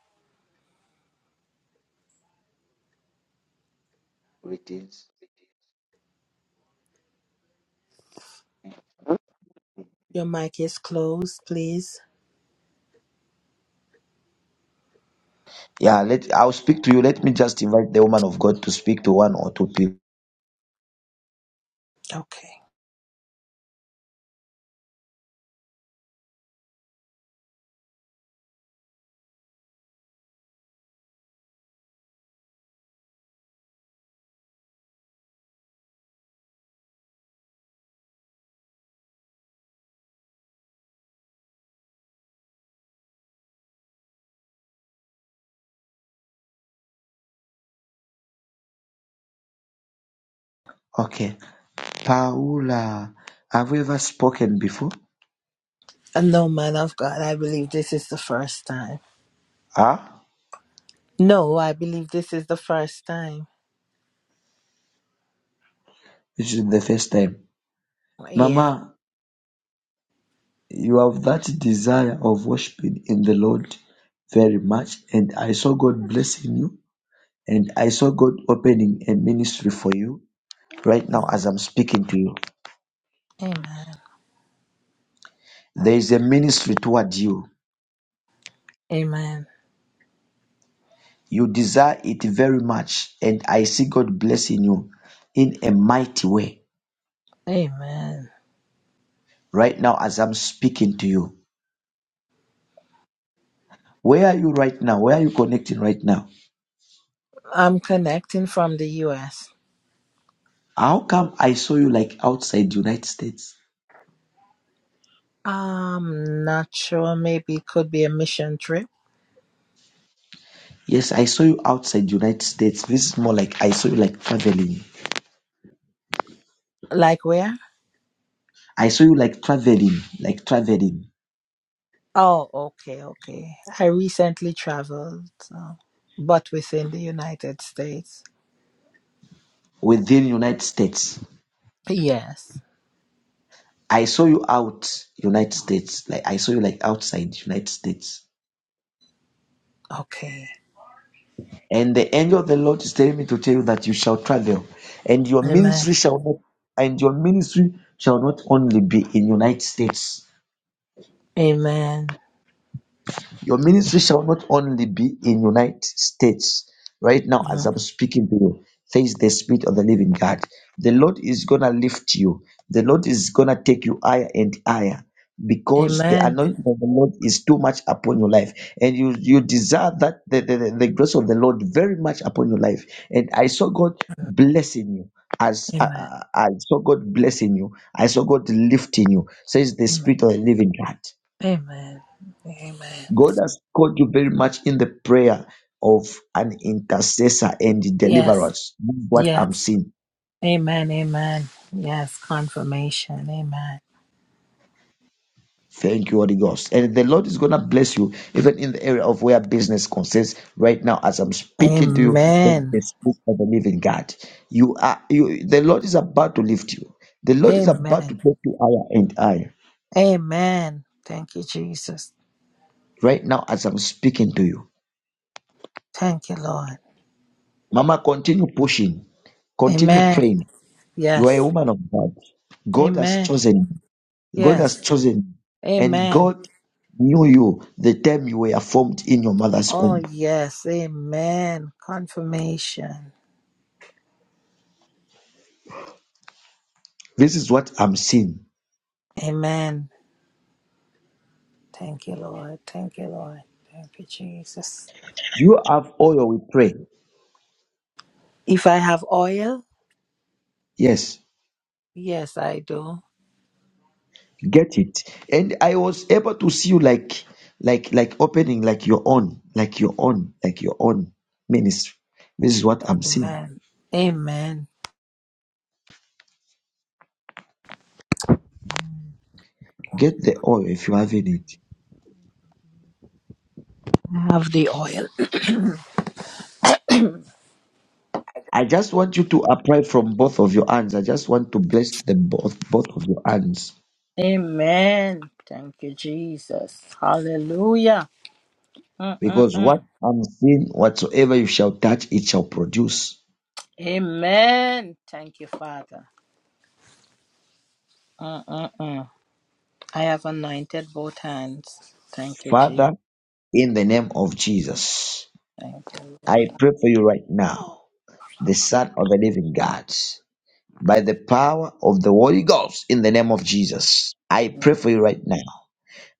Your mic is closed, please. Yeah, let I'll speak to you. Let me just invite the woman of God to speak to one or two people. Okay. Okay, Paola, have you ever spoken before? And no, man of God, I believe this is the first time. Ah, No, I believe this is the first time. this is the first time. Yeah. Mama, you have that desire of worshiping in the Lord very much, and I saw God blessing you And I saw God opening a ministry for you right now as Amen. I'm speaking to you. Amen. There is a ministry toward you. Amen. You desire it very much. And I see God blessing you in a mighty way Amen. right now as I'm speaking to you. Where are you right now? Where are you connecting right now? I'm connecting from the US. How come I saw you like outside United States? I'm not sure. Maybe it could be a mission trip. Yes, I saw you outside United States. This is more like I saw you like traveling. Like where? I saw you like traveling, like traveling Oh, okay, okay. I recently traveled, so, but within the United States. within United States. Yes. I saw you out United States. Like I saw you like outside United States. Okay. And the angel of the Lord is telling me to tell you that you shall travel, and your Amen. ministry shall not, and your ministry shall not only be in United States. Amen. Your ministry shall not only be in United States. Right now, as Mm. I'm speaking to you, face the spirit of the living God. The Lord is gonna lift you. The Lord is gonna take you higher and higher because the Amen. anointing of the Lord is too much upon your life, and you you desire that the, the, the the grace of the Lord very much upon your life. And I saw God Mm. blessing you. As uh, Amen. uh, I saw God blessing you, I saw God lifting you, says the Amen. Spirit of the Living God. Amen. Amen. God has called you very much in the prayer of an intercessor and Yes. deliverance. That's What Yes. I'm seeing. Amen. Amen. Yes. Confirmation. Amen. Thank you, Holy Ghost. And the Lord is going to bless you, even in the area of where business concerns. Right now, as I'm speaking to you, there's Amen. the Spirit of the living God. You are, you, the Lord is about to lift you. The Lord is about to Amen. take you higher and higher. Amen. Thank you, Jesus. Right now, as I'm speaking to you, Thank you, Lord. Mama, continue pushing, continue Amen. praying. You are a Yes. woman of God. God has Amen. chosen you. God has Yes. chosen you. And Amen. God knew you the time you were formed in your mother's Oh, womb. yes. Amen. Confirmation. This is what I'm seeing. Amen. Thank you, Lord. Thank you, Lord. Thank you, Jesus. Do you have oil we pray? If I have oil, Yes. yes, I do. Get it. And I was able to see you like like like opening like your own, like your own, like your own ministry. This is what I'm seeing. Amen. Amen. Get the oil if you have in it. I have the oil. I just want you to apply from both of your hands. I just want to bless them both both of your hands Amen. Thank you, Jesus. Hallelujah. Because what Mm-mm-mm. unseen, whatsoever you shall touch, it shall produce. Amen. Thank you, Father. Mm-mm-mm. I have anointed both hands. Thank you, Jesus. Father, in the name of Jesus, Thank you, I Lord. pray for you right now, the Son of the Living God, by the power of the Holy Ghost, in the name of Jesus. I pray for you right now.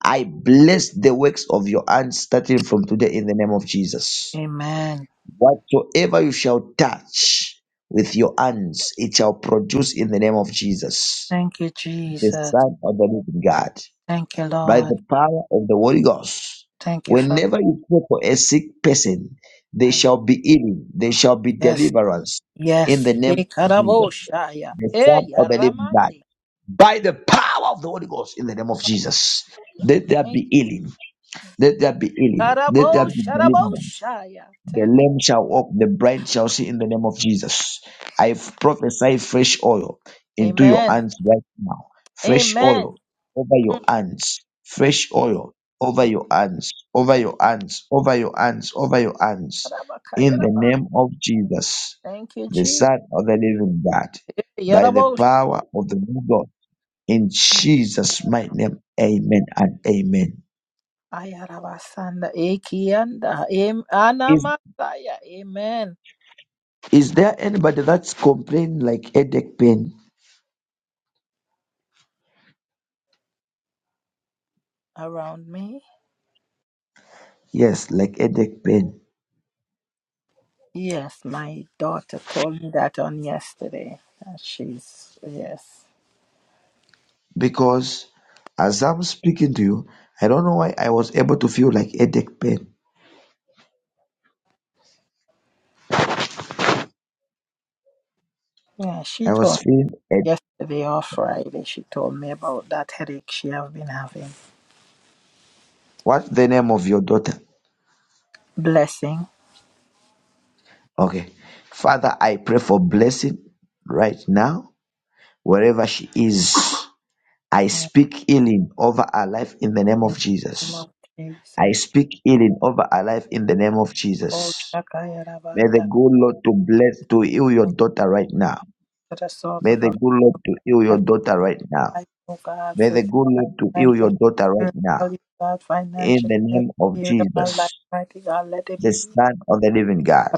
I bless the works of your hands starting from today in the name of Jesus. Amen. Whatsoever you shall touch with your hands, it shall produce in the name of Jesus, Thank you, the Jesus. Son of the Living God. Thank you, by Lord. the power of the Holy Ghost. Thank you, Father. Whenever you pray for a sick person, they shall be healing, they shall be Yes, deliverance in the yes. name Hey, of Jesus, Karaboshaya. the Son Hey, of the living God, Yaramande. by the power of the Holy Ghost in the name of Jesus. Let there Thank you. be healing, let there be healing, let there be deliverance. Karabosharabosaya. The Thank you. lame shall walk, the blind shall see in the name of Jesus. I prophesy fresh oil into your Amen. hands right now. Fresh oil Amen. over Mm. your hands. Thank, Fresh oil over thank, your hands, over thank. your hands, over your hands, over your hands. In the Karabakayaraba. name of Jesus, Thank you, the Jesus. Son of the Living God, Hey, by the Yarabosh. power of the Lord God, in Thank Jesus' mighty name, amen and amen. Ayarabasanda. Ekianda. Em- Is, Anamasaya. Amen. is there anybody that's complaining like headache pain? Around me. Yes, like headache pain. Yes, my daughter told me that on yesterday. Uh, She's, yes. Because as I'm speaking to you, I don't know why I was able to feel like headache pain. Yeah, she I told was feeling head. me yesterday or Friday, she told me about that headache she have been having. What's the name of your daughter? Blessing. Okay. Father, I pray for blessing right now, wherever she is. I Yeah. speak healing over her life in the name In of the name Jesus. of I Jesus. speak healing over her life in the name of Oh, Jesus. Shakaya May the Rabanda, good Lord to bless to heal your daughter right now. to the source May of the our good Lord to heal your every daughter right now. life, oh God, May the physical, good Lord to heal mental, your daughter right now. spiritual, God, In financial, the every name of area of our life, Jesus, mighty God, let it the be. Son of the living God,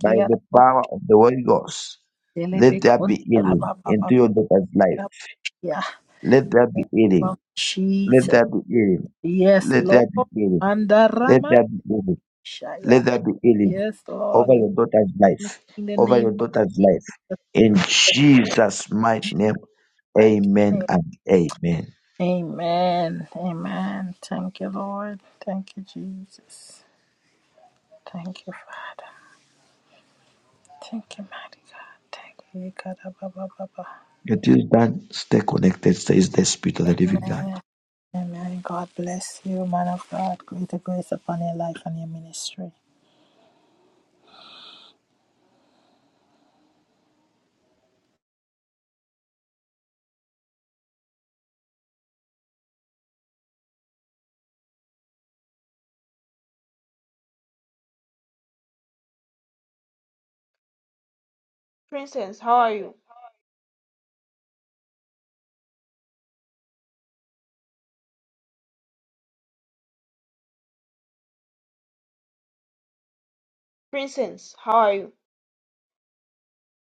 by the Rabok, power of the Holy Ghost, let Delebek, there be healing Untalababa, into your daughter's life. Yeah. Let there be Oh, healing. Let Jesus. there be healing. Yes, Let Lord. there be healing. Let Andaramashaya. there be healing. Let there be healing Yes, Lord. over You your daughter's make life. in the Over name your of daughter's Jesus. life. In in Jesus' mighty Jesus' name, mighty amen name. and amen. Amen. Amen. Thank you, Lord. Thank you, Jesus. Thank you, Father. Thank you, mighty God. Thank you, God. Abba, Abba, Abba. Until done. stay connected, says the Spirit of the Living God. Amen. Amen. God bless you, man of God. Greater grace upon your life and your ministry. Princess, how are you?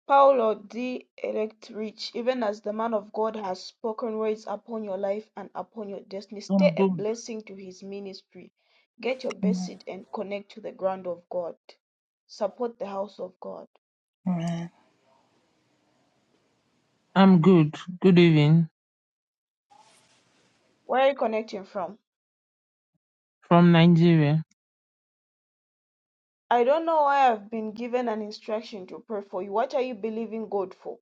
Paolo the elect rich, even as the man of God has spoken words upon your life and upon your destiny. I'm Stay a good. blessing to his ministry. Get your best Amen. seat and connect to the ground of God. Support the house of God. Amen. I'm good. Good evening Where are you connecting from? from Nigeria. I don't know why I've been given an instruction to pray for you. What are you believing God for?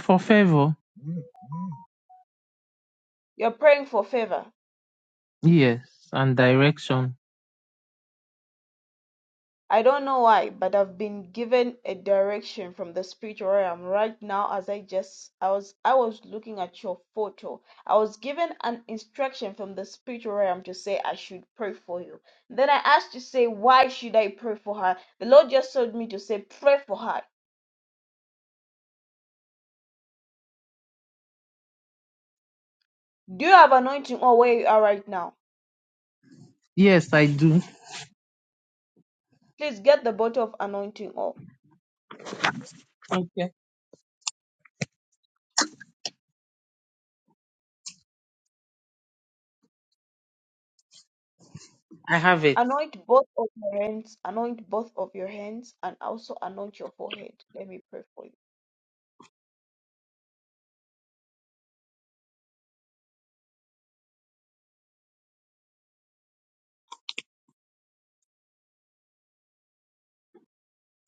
For favor, You're praying for favor. yes, and direction. I don't know why, but I've been given a direction from the spiritual realm right now as I just I was I was looking at your photo. I was given an instruction from the spiritual realm to say I should pray for you. Then I asked to say why should I pray for her? The Lord just told me to say pray for her. Do you have anointing oil where you are right now? Yes, I do. Please get the bottle of anointing oil. Okay, I have it. Anoint both of your hands, anoint both of your hands, and also anoint your forehead. Let me pray for you.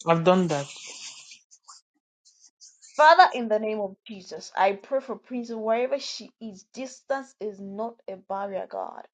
I've done that. Father, in the name of Jesus, I pray for Prince wherever she is. Distance is not a barrier, God.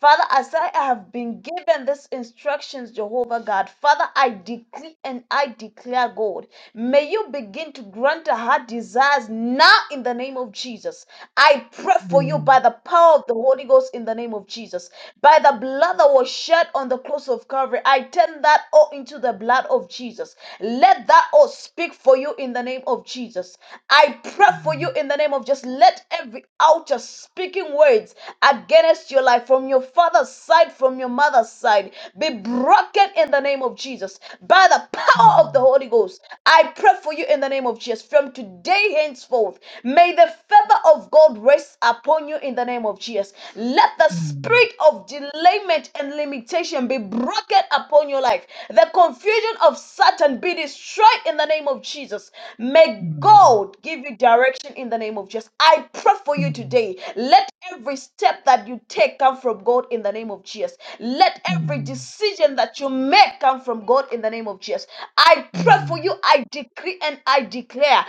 Father, as I have been given these instructions, Jehovah God, Father, I decree and I declare, God, may you begin to grant her heart desires now in the name of Jesus. I pray for you Mm, by the power of the Holy Ghost in the name of Jesus. By the blood that was shed on the cross of Calvary, I turn that all into the blood of Jesus. Let that all speak for you in the name of Jesus. I pray for mm, you in the name of just let every outer speaking words against your life from your father's side, from your mother's side, be broken in the name of Jesus. By the power of the mm, Holy Ghost, I pray for you for you in the name of Jesus. From today henceforth, may the feather of God rest upon you in the name of Jesus. Let the mm, spirit of delayment and limitation be broken upon your life. The confusion of Satan be destroyed in the name of Jesus. May God give you direction in the name of Jesus. I pray for you mm, mm, today. Let every step that you take come from God in the name of Jesus. Let every mm, decision that you may come from God in the name of Jesus. I mm, pray for mm, you. I decree and I declare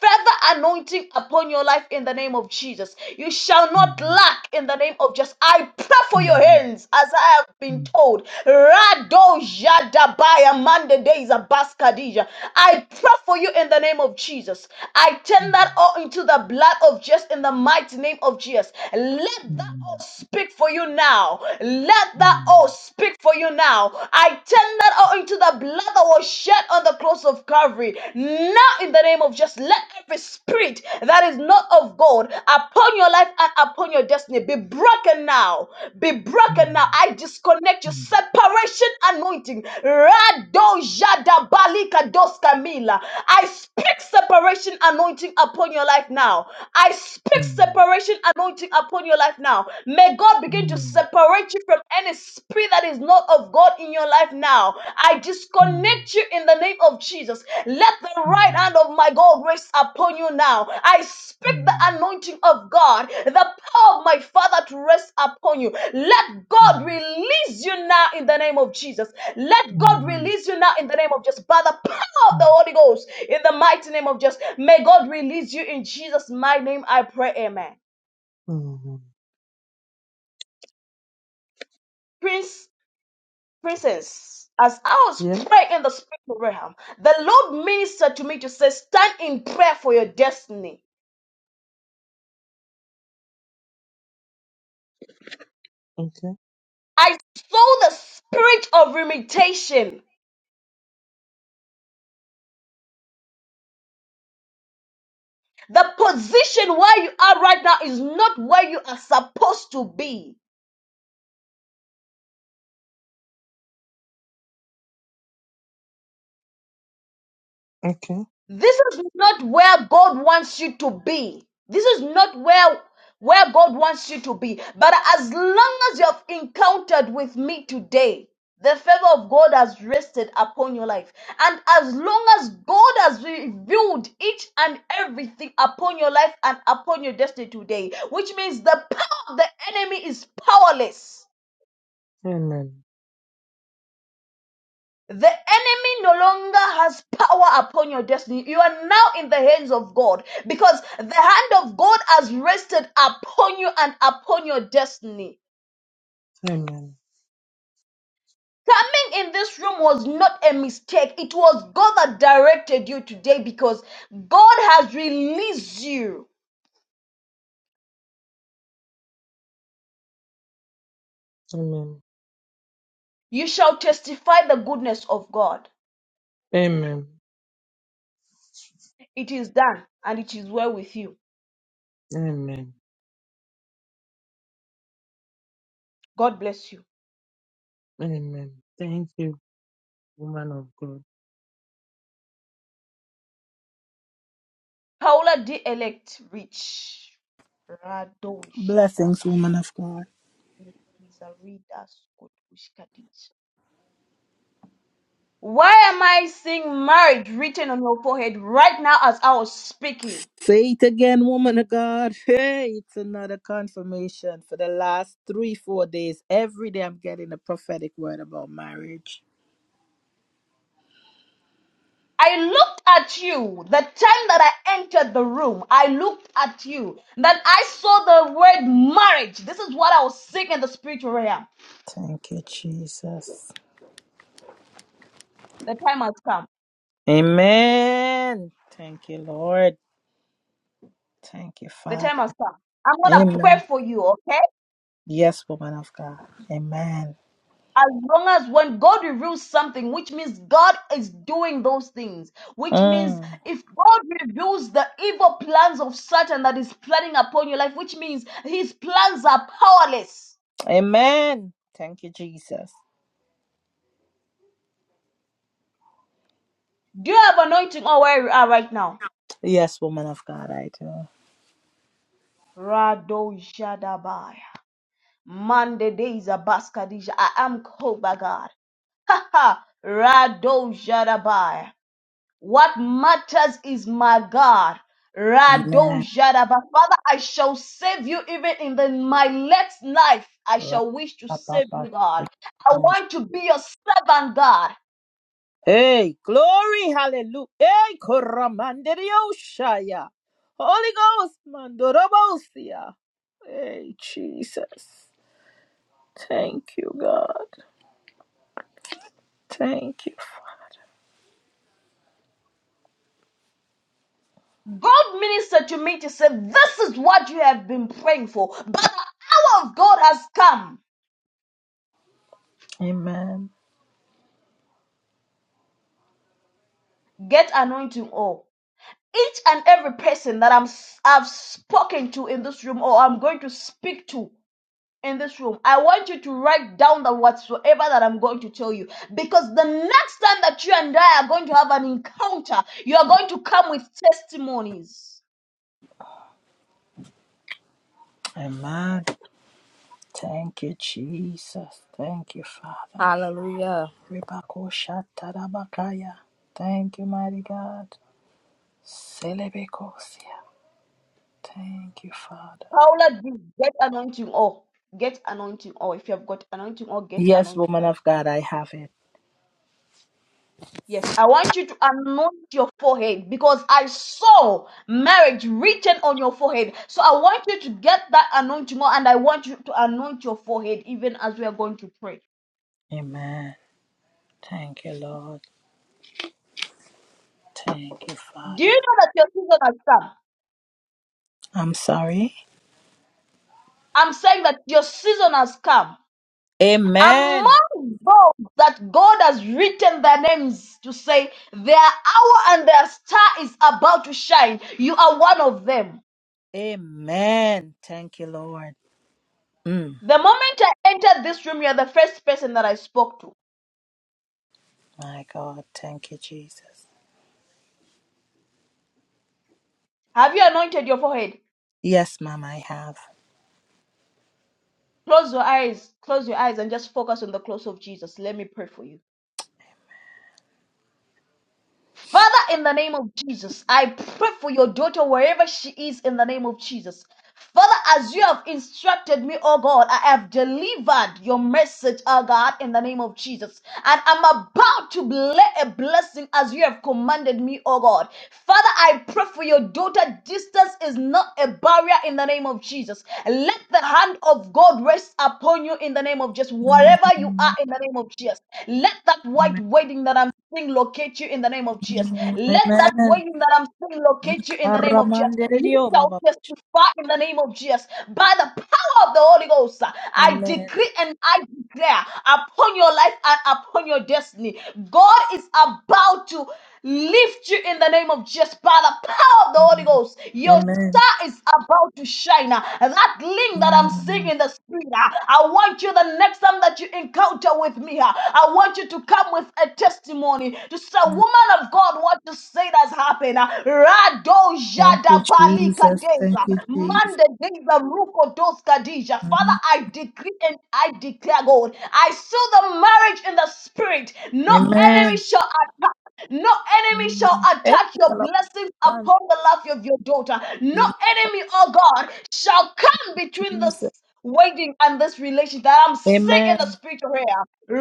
further anointing upon your life in the name of Jesus. You shall not mm, lack in the name of Jesus. I pray mm, for your mm, hands as I have been told. Rado Jadabaya Mande Deza Baskadija. I pray for you in the name of Jesus. I turn that all into the blood of Jesus in the mighty name of Jesus. Let that oath speak for you now. Let that oath speak for you now. I turn that oath into the blood that was shed on the cross of Calvary. Now, in the name of just let every spirit that is not of God upon your life and upon your destiny be broken now. Be mm, mm, mm, mm, mm, broken now. mm, I disconnect you. Separation anointing. Rado jada balika dos camila. I speak separation anointing upon your life your life now. I speak mm, separation anointing upon your life now. May God begin to separate you from any spirit that is not of God in your life now. I disconnect you in the name of Jesus. Let the right hand of my God rest upon you now. I speak the anointing of God, the power of my Father to rest upon you. Let God mm, release you now in the name of Jesus. Let God mm, mm, release you now in the name of Jesus. By the power of the mm. Holy Ghost in the mighty name of Jesus. May God release you in Jesus' mighty name. I pray, Amen. Prince, princess, as I was Yeah, praying in the spiritual realm, the Lord ministered to me to say, Stand in prayer for your destiny. okay. I saw the spirit of limitation. The position where you are right now is not where you are supposed to be. Okay. This is not where God wants you to be. This is not where where God wants you to be. But as long as you have encountered with me today, the favor of God has rested upon your life. And as long as God has revealed each and everything upon your life and upon your destiny today, which means the power of the enemy is powerless Amen. The enemy no longer has power upon your destiny. You are now in the hands of God because the hand of God has rested upon you and upon your destiny. Amen. Coming in this room was not a mistake. It was God that directed you today because God has released you. Amen. You shall testify the goodness of God. Amen. It is done and it is well with you. Amen. God bless you. Amen. Thank you, woman of God. Paula D. Elect Rich. Rado Blessings, shadaba. woman of God. Why am I seeing marriage written on your forehead right now as I was speaking? Say it again, woman of God. Hey, it's another confirmation for the last three, four days. Every day I'm getting a prophetic word about marriage. I looked at you the time that I entered the room. I looked at you that I saw the word marriage. This is what I was seeing in the spiritual realm. Thank you, Jesus. The time has come. Amen. Thank you, Lord. Thank you, The time Father. has come. I'm gonna pray Amen. for you, okay? Yes, woman of God. Amen. As long as when God reveals something, which means God is doing those things, which means Mm. if God reveals the evil plans of Satan that is planning upon your life, which means his plans are powerless. Amen. Thank you, Jesus. Do you have anointing on where you are right now? Yes, woman of God, I do. Rado Jadabaya. Monday days are Baskadija. I am called by God. Ha ha. Rado Jadabaya. What matters is my God. Amen. Radojadaba. Father, I shall save you even in the, my next life. I shall wish to save you, God. I want to be your servant, God. Hey, glory, hallelujah. Hey, koramanderioshaya. Holy Ghost, mandorobosia. Hey, Jesus. Thank you, God. Thank you. God ministered to me to say, This is what you have been praying for. But the hour of God has come. Amen. Get anointing all. Each and every person that I'm, I've spoken to in this room or I'm going to speak to. in this room, I want you to write down the whatsoever that I'm going to tell you. Because the next time that you and I are going to have an encounter, you are going to come with testimonies. Amen. Thank you, Jesus. Thank you, Father. Hallelujah. Ribakoshatarabakaya. Thank you, mighty God. Celebekosia. Thank you, Father. Paula, do get anointing oil. Get anointing oil. If you have got anointing oil, get Yes, anointing woman oil. of God, I have it. Yes, I want you to anoint your forehead because I saw marriage written on your forehead. So I want you to get that anointing oil and I want you to anoint your forehead even as we are going to pray. Amen. Thank you, Lord. Thank you, Do you Father. know that your season has come? I'm sorry. I'm saying that your season has come. Amen. Among those that God has written their names to say, their hour and their star is about to shine, you are one of them. Amen. Thank you, Lord. Mm, The moment I entered this room, you are the first person that I spoke to. my God. Thank you, Jesus. Have you anointed your forehead? Yes, Mom, I have. Close your eyes, close your eyes, and just focus on the cross of Jesus. Let me pray for you. Father, in the name of Jesus, I pray for your daughter wherever she is in the name of Jesus. Father, as you have instructed me, oh God, I have delivered your message, oh God, in the name of Jesus. And I'm about to lay a blessing as you have commanded me, oh God. Father, I pray for your daughter. Distance is not a barrier in the name of Jesus. Let the hand of God rest upon you in the name of Jesus, wherever you are Amen. in the name of Jesus. Let that white wedding that I'm sing locate you in the name of Jesus. Let that Amen. wailing that I'm singing locate you in the name of Jesus. You Ikaramanderedio, shall Baba. testify in the name of Jesus. By the power of the Holy Ghost, I Amen. decree and I declare upon your life and upon your destiny, God is about to lift you in the name of Jesus by the power of the Holy Amen. Ghost. Your Amen. star is about to shine. uh, And that link that I'm seeing Mm. in the spirit, uh, I want you the next time that you encounter with me, uh, I want you to come with a testimony to say, Woman of God, what you say has happened. uh, Rado Thank you, Jada Balika Jesus. Thank Deza, you, Jesus. Mande Deza Ruko Dos Kadija. Father, Mm. I decree and I declare, God, I saw the marriage in the spirit. No enemy Amen. shall no enemy shall Mm. Hey, attack your Lord, blessings thank upon the life of your daughter. No you, enemy, oh God, shall come between Jesus. this waiting and this relationship that I'm sick Amen. in the spiritual realm.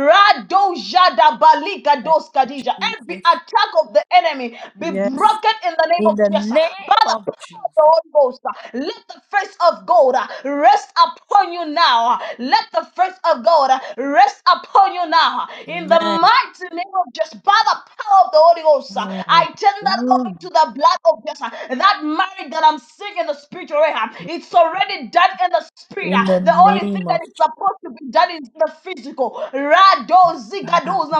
Rado jada balika Thank dos kadija. you, Every Jesus. attack of the enemy be Yes, broken in the name in of the Jesus. by name the of the Jesus. Holy Ghost. uh, Let the face of God uh, rest upon you now. Let the face of God uh, rest upon you now. In the Amen. mighty name of Jesus, by the power of the Holy Ghost, uh, I Oh, turn that over Ooh. to the blood of Jesus. Uh, That marriage that I'm seeing in the spiritual realm, it's already done in the spirit. In Uh, the The Holy Everything name that of is supposed to be done in the physical. Rado God. zigadoza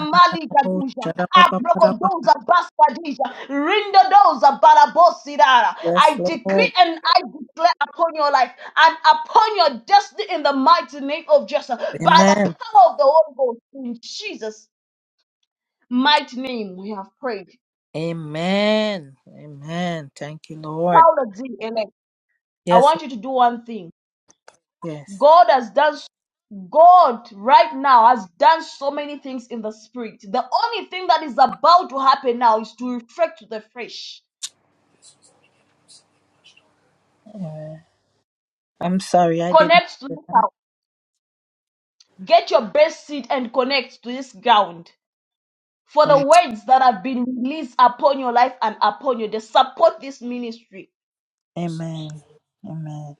Oh, malikaduja. shadabababababa. Abrogodoza baskadija. Rindodoza barabosidara. Yes, I decree Lord. and I declare upon your life and upon your destiny in the mighty name of Jesus. By the Amen. power of the Holy Ghost. In Jesus' mighty name we have prayed. Amen. Amen. Thank you, Lord. Paula D. Elect, I Yes, want you to do one thing. yes. God has done God right now has done so many things in the spirit. The only thing that is about to happen now is to reflect to the fresh. Amen. I'm sorry, I didn't. Connect to the ground. Get your best seed and connect to this ground. For the Am- words that have been released upon your life and upon you, they support this ministry. Amen. Amen.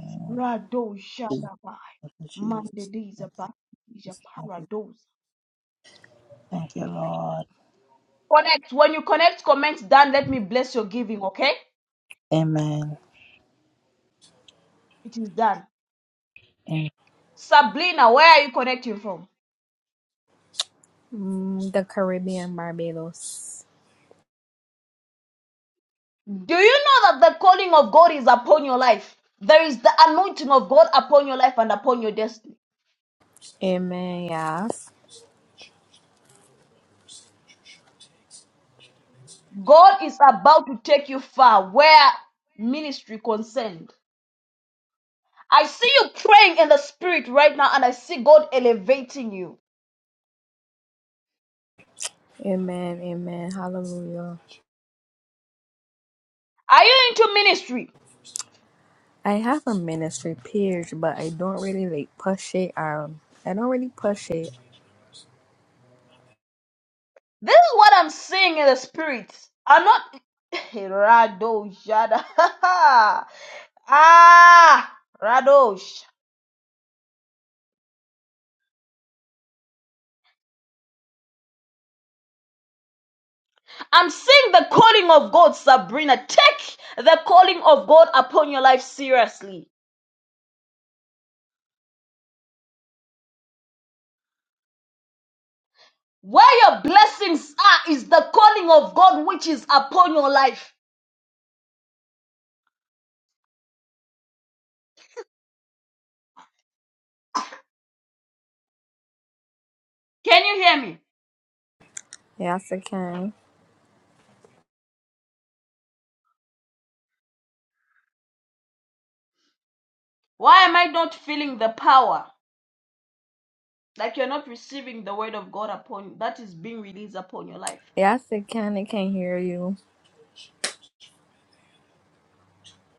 Amen. Rado Thank Shadabai. you, Jesus. Mandediza Thank you, Bakija Jesus. Thank you, Parados. Thank you, Lord. Connect. When you connect, comment done. Let me bless your giving, okay? Amen. It is done. Amen. Sabrina, where are you connecting from? Mm, the Caribbean, Barbados. Do you know that the calling of God is upon your life? There is the anointing of God upon your life and upon your destiny. Amen. Yes. God is about to take you far where ministry concerned. I see you praying in the spirit right now and I see God elevating you. Amen. Amen. Hallelujah. Are you into ministry? I have a ministry page, but I don't really like push it. Um, I don't really push it. This is what I'm seeing in the spirit. I'm not Rado Jada. ah Radosh. I'm seeing the calling of God, Sabrina. Take the calling of God upon your life seriously. Where your blessings are is the calling of God which is upon your life. Can you hear me? Yes, I can. Why am I not feeling the power? Like you're not receiving the word of God upon that is being released upon your life. Yes, I can. I can hear you.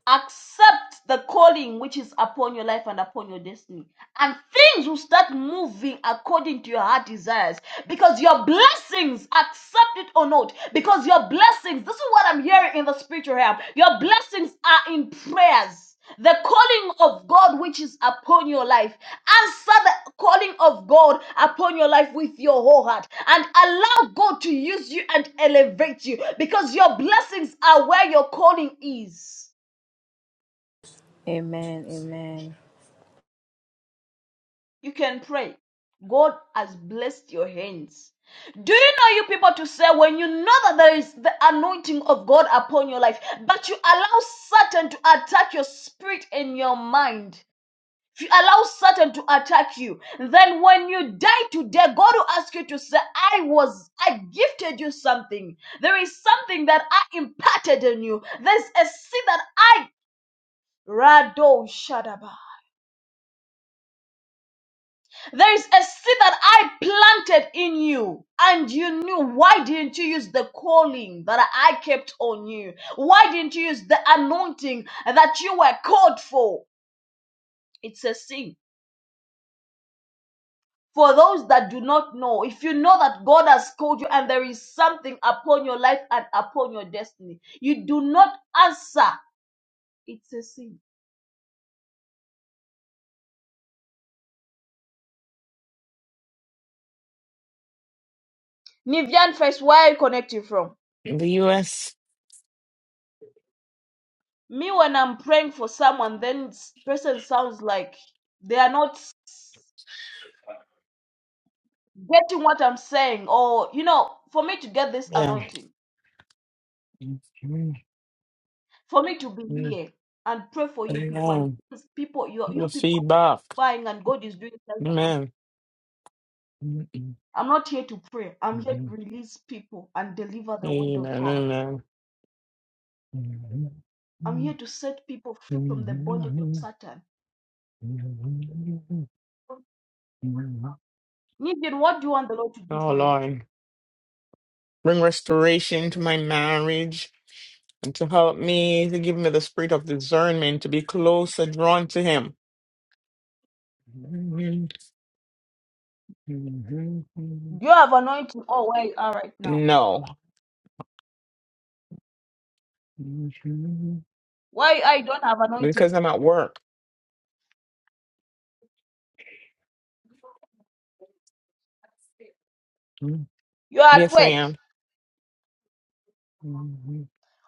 accept the calling which is upon your life and upon your destiny and things will start moving according to your heart desires because your blessings accept it or not because your blessings this is what i'm hearing in the spiritual realm your blessings are in prayers the calling of God which is upon your life. Answer the calling of God upon your life with your whole heart and allow God to use you and elevate you because your blessings are where your calling is. Amen. Amen. You can pray. God has blessed your hands. Do you know you people to say when you know that there is the anointing of God upon your life, but you allow Satan to attack your spirit and your mind? If you allow Satan to attack you, then when you die today, God will ask you to say, I was, I gifted you something. There is something that I imparted on you. There's a seed that I, Rado Shadaba. There is a seed that I planted in you, and you knew. Why didn't you use the calling that I kept on you? Why didn't you use the anointing that you were called for? It's a sin. For those that do not know, if you know that God has called you and there is something upon your life and upon your destiny, you do not answer. It's a sin. Nivian first, where are you connecting from? In The U.S. Me, when I'm praying for someone, then s- person sounds like they are not Getting what I'm saying, or you know, for me to get this Yeah. anointing, Mm, mm, for me to be here and pray for you people and Amen. things people, you The you people are feedback. buying and God is doing things. like that one- Amen. Amen. I'm not here to pray. I'm here to release people and deliver the word of God. Amen. I'm here to set people free from the bondage of Satan. Nivian, what do you want the Lord to do Oh for you? Lord, bring restoration to my marriage and to help me to give me the spirit of discernment to be closer drawn to Him. Do you have anointing? Oh, where you are right now? No. Mhm. Why I don't have anointing? Because I'm at work. Mm. You're at Yes, I work. am. Mm-hmm.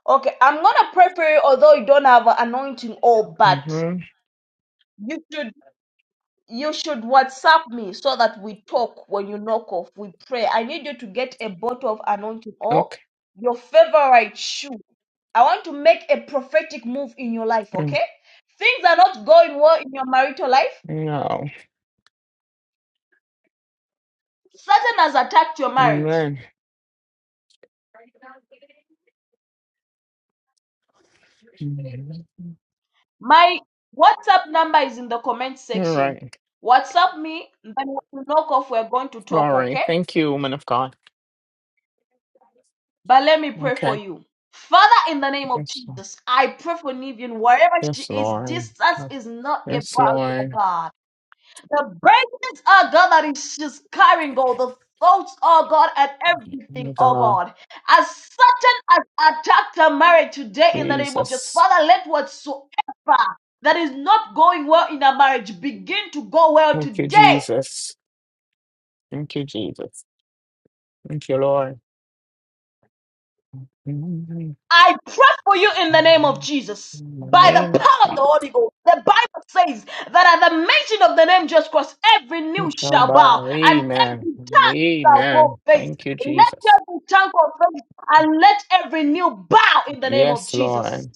Okay, I'm gonna pray for you, although you don't have anointing Oh, Okay. but You should you should WhatsApp me so that we talk when you knock off. We pray. I need you to get a bottle of anointing or your favorite shoe. I want to make a prophetic move in your life, Mm. okay? Things are not going well in your marital life. No. Satan has attacked your marriage. Amen. Mhm. My WhatsApp number is in the comment All section. right. WhatsApp me, then when you knock off, we're going to talk, Sorry. okay? Thank you, woman of God. But let me pray for Okay. you. Father, in the name of Yes, Lord. Jesus, I pray for Nivian. Wherever she Yes, is, Lord. distance is not a Yes, barrier, Lord. God. The burdens, oh God, that is she's carrying, God, the thoughts, oh God, and My everything, oh God. God. As certain as attacked her marriage today, in the name of Jesus, Jesus. Father, let whatsoever that is not going well in her marriage begin to go well Thank you, today Jesus. Thank you, Jesus. Thank you, Lord. Mhm. I pray for you in the name of In Jesus. the By the name. power of the Holy Ghost, the Bible says that at the mention of the name Jesus Christ, every knee We shall shall bow bow. and Amen. every tongue shall Amen. confess. Thank you, Let Jesus. every tongue confess and let every knee bow in the name of Yes, Jesus. Lord.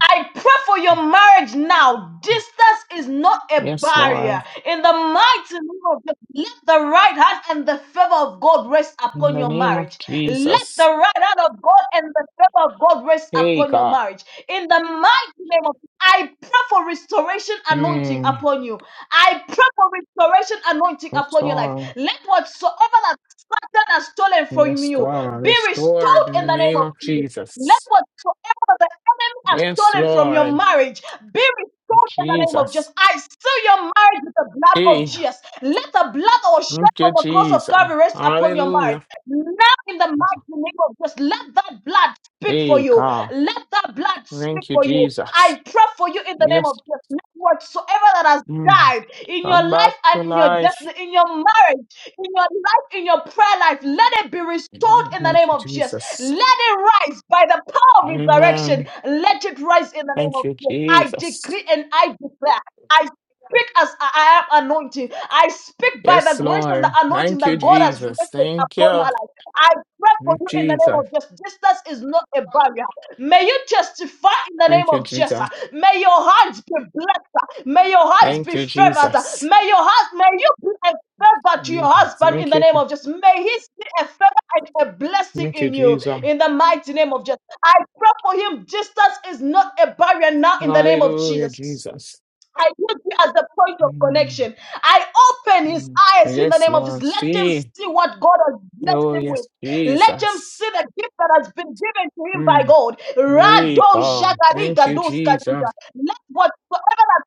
I pray for your marriage now. Distance is not a Yes, Lord. barrier. In the mighty name of Jesus, let the right hand and the favor of God rest In upon the your name of marriage. Let Jesus. the right hand of God and the favor of God rest Hey, upon your God. marriage. In the mighty name of I pray for restoration anointing Mm. upon you. I pray for restoration anointing upon your life. Restore. Let whatsoever that Satan has stolen from Yes, you God. be Restore it restored in in the the name name of of Jesus. Let Jesus. whatsoever the enemy has Yes, stolen from your Lord. marriage be restored in the name of Jesus. Jesus. I seal your marriage with the blood of Hey, Jesus. Let the blood that was shed thank on you, the cross of Jesus. Calvary rest upon your marriage. Hallelujah. Now, in the mighty name of Jesus, let that blood speak for Hey, you. God. Let that blood speak Thank you, for you. I Jesus. pray for you in the name Yes. of Jesus. Let whatsoever that has Mm. died in your Come back life to and in your life. destiny, in your marriage, in your life, in your prayer life, let it be restored Thank in the name you, of Jesus. Jesus. Let it rise by the power of resurrection. Amen. Let it rise in the name Thank of you, Jesus. I Jesus. decree and I declare. I speak as I I am anointed. I speak by Yes, the grace and the Lord. anointing Thank you, that God has Jesus. rested Thank upon you, my life. I pray for you in the name Jesus. of Jesus. Distance is not a barrier. May you testify in the name Thank you, of Jesus. Jesus. May your hearts be blessed. May your hearts Thank be you, favored. Jesus. May your heart, may you be a favor to your husband in the Thank you, name Je- of Jesus. May he see a favor and a blessing thank you, in you Jesus. in the mighty name of Jesus. I pray for him. Distance is not a barrier now in the name of Hallelujah, Jesus. Jesus. I put you as the point of Mm, connection. I open his mm. eyes in the Yes, name of Jesus. Lord. Let him See. see what God has blessed Oh, him with. yes, Let him Jesus. see the gift that has been given to him by Mm. God. Hey, Rado God. jagari Thank you, gados kadija. Jesus. Let whatsoever that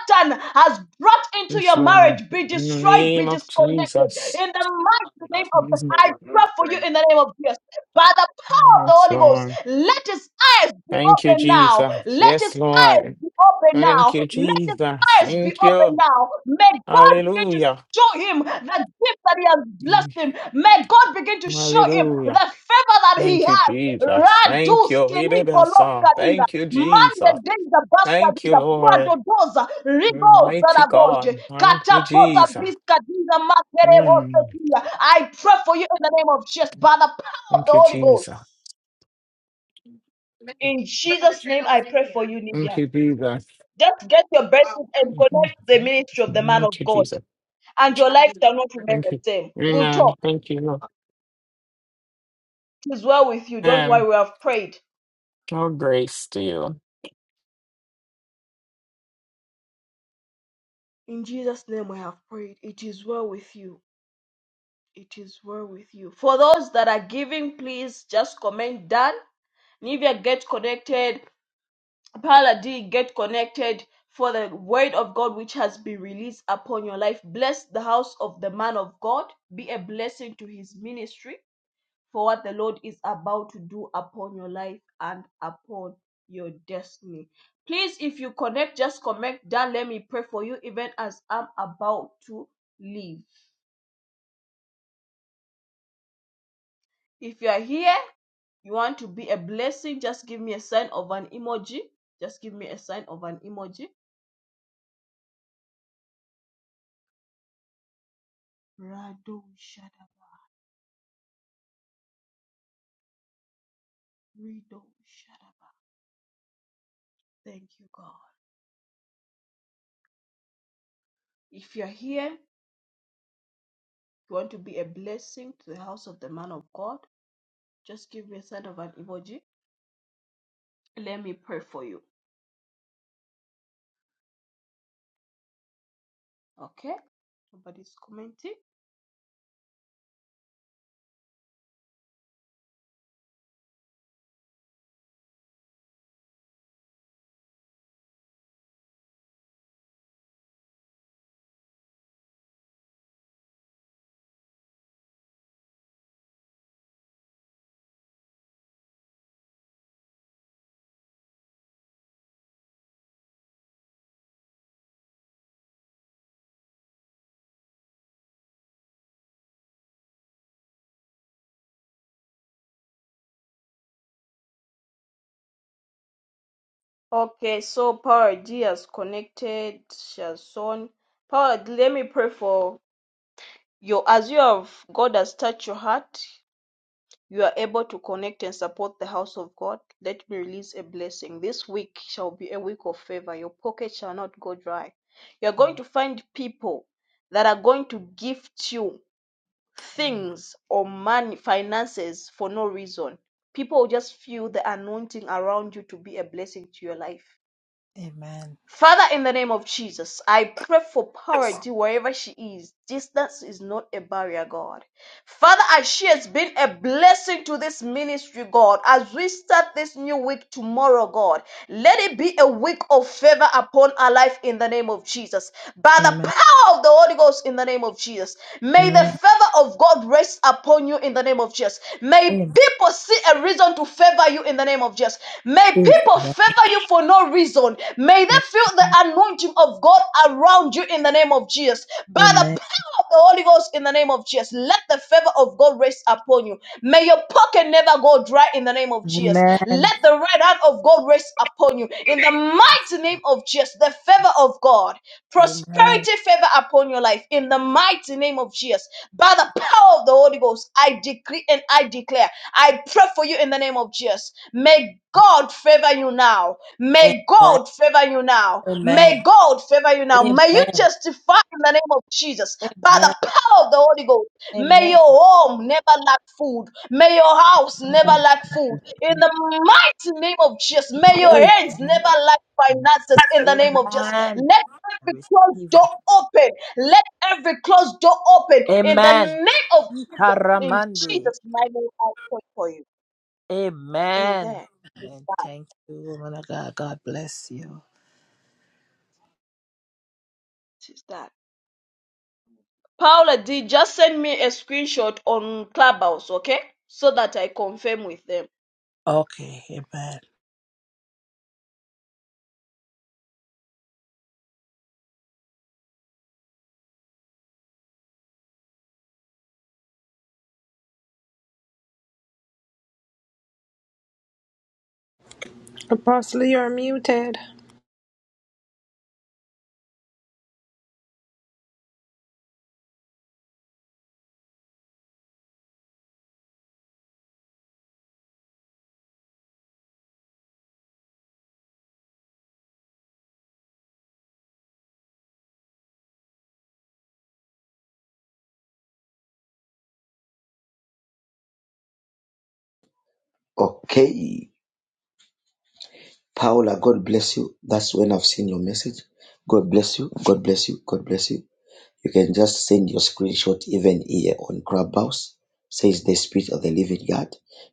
Satan has brought into Yes, your Lord. marriage be In the destroyed, be name of disconnected. Jesus. In the mighty name of the I pray for you in the name of Jesus. By the power of the Yes, Holy Ghost, Lord. let his eyes be Thank you, open now now. Jesus. Let Yes, his eyes Lord. be open Thank now. you, Let his Jesus. eyes be Thank open you. now. May God begin to Hallelujah. show him the gift that he has blessed him. May God begin to show him Hallelujah. the favor that he Thank you, has. Jesus. Thank Radu you. skeli Ibebasa. boloskadira. Thank you, Mande Jesus. denza Thank you, baskadira. Lord. Pradodoza. Rigo Almighty zaraboje. God. Thank you, Katapoza Jesus. biskadira Mm. makerevosekia. I pray for you in the name of Jesus by the power of Thank the you, Holy Ghost. Jesus. In Jesus' name I pray for you, Nidia. Thank you, Jesus. Just get your blessings and connect the ministry of the man of Thank you, God, Jesus. and your life shall not remain Thank the you. same. We'll Amen. talk. Thank you, It is well with you. Don't Lord. worry, we have prayed. All grace to you. In Jesus' name, I have prayed. It is well with you. It is well with you. For those that are giving, please just comment done. Nivea, get connected. Paula D, get connected for the word of God which has been released upon your life. Bless the house of the man of God. Be a blessing to his ministry for what the Lord is about to do upon your life and upon your destiny. Please, if you connect, just connect down. Let me pray for you, even as I'm about to leave. If you are here, you want to be a blessing, just give me a sign of an emoji. Just give me a sign of an emoji. Rado Shadaba. Rido Shadaba. Thank you, God. If you're here, you want to be a blessing to the house of the man of God, just give me a sign of an emoji. Let me pray for you. Okay. Nobody's commenting. Okay, so Power D has connected, she has shown. Power D, let me pray for you. As you have, God has touched your heart, you are able to connect and support the house of God. Let me release a blessing. This week shall be a week of favor. Your pocket shall not go dry. You're going to find people that are going to gift you Amen. things or money, finances for no reason. People will just feel the anointing around you to be a blessing to your life. Amen. Father, in the name of Jesus, I pray for parity wherever she is. Distance is not a barrier, God. Father, as she has been a blessing to this ministry, God, as we start this new week tomorrow, God, let it be a week of favor upon our life in the name of Jesus. By the Amen. power of the Holy Ghost in the name of Jesus. May the Amen. favor of God rest upon you in the name of Jesus. May Amen. people see a reason to favor you in the name of Jesus. May Amen. people favor you for no reason. May they feel the anointing of God around you in the name of Jesus. Amen. By the Amen. power of the Holy Ghost in the name of Jesus, let the favor of God rest upon you. May your pocket never go dry in the name of Jesus. Amen. Let the right hand of God rest upon you in the mighty name of Jesus, the favor of God Amen. prosperity favor upon your life in the mighty name of Jesus. By the power of the Holy Ghost, I decree and I declare, I pray for you in the name of Jesus. May God favor you now. May God favor you now. Amen. Amen. May God favor you now. May you Amen. testify in the name of Jesus by the power of the Holy Ghost. May Amen. your home never lack food. May your house never lack food. In the mighty name of Jesus, may your Hey, hands never lack finances in the name of Jesus. Amen. Let I every closed receive door it. open. Let every closed door open in the Amen. name of Jesus. In Karamandi. Jesus' mighty name, I pray for you. Amen. Amen. Amen. Thank you, woman of God. God bless you. Tis that. Paula D, just send me a screenshot on Clubhouse, okay? So that I confirm with them. Okay. Amen. Apostle, you're muted. Okay, Paula. God bless you. That's when I've seen your message. God bless you. God bless you. God bless you. You can just send your screenshot even here on Clubhouse. Says the Spirit of the Living God.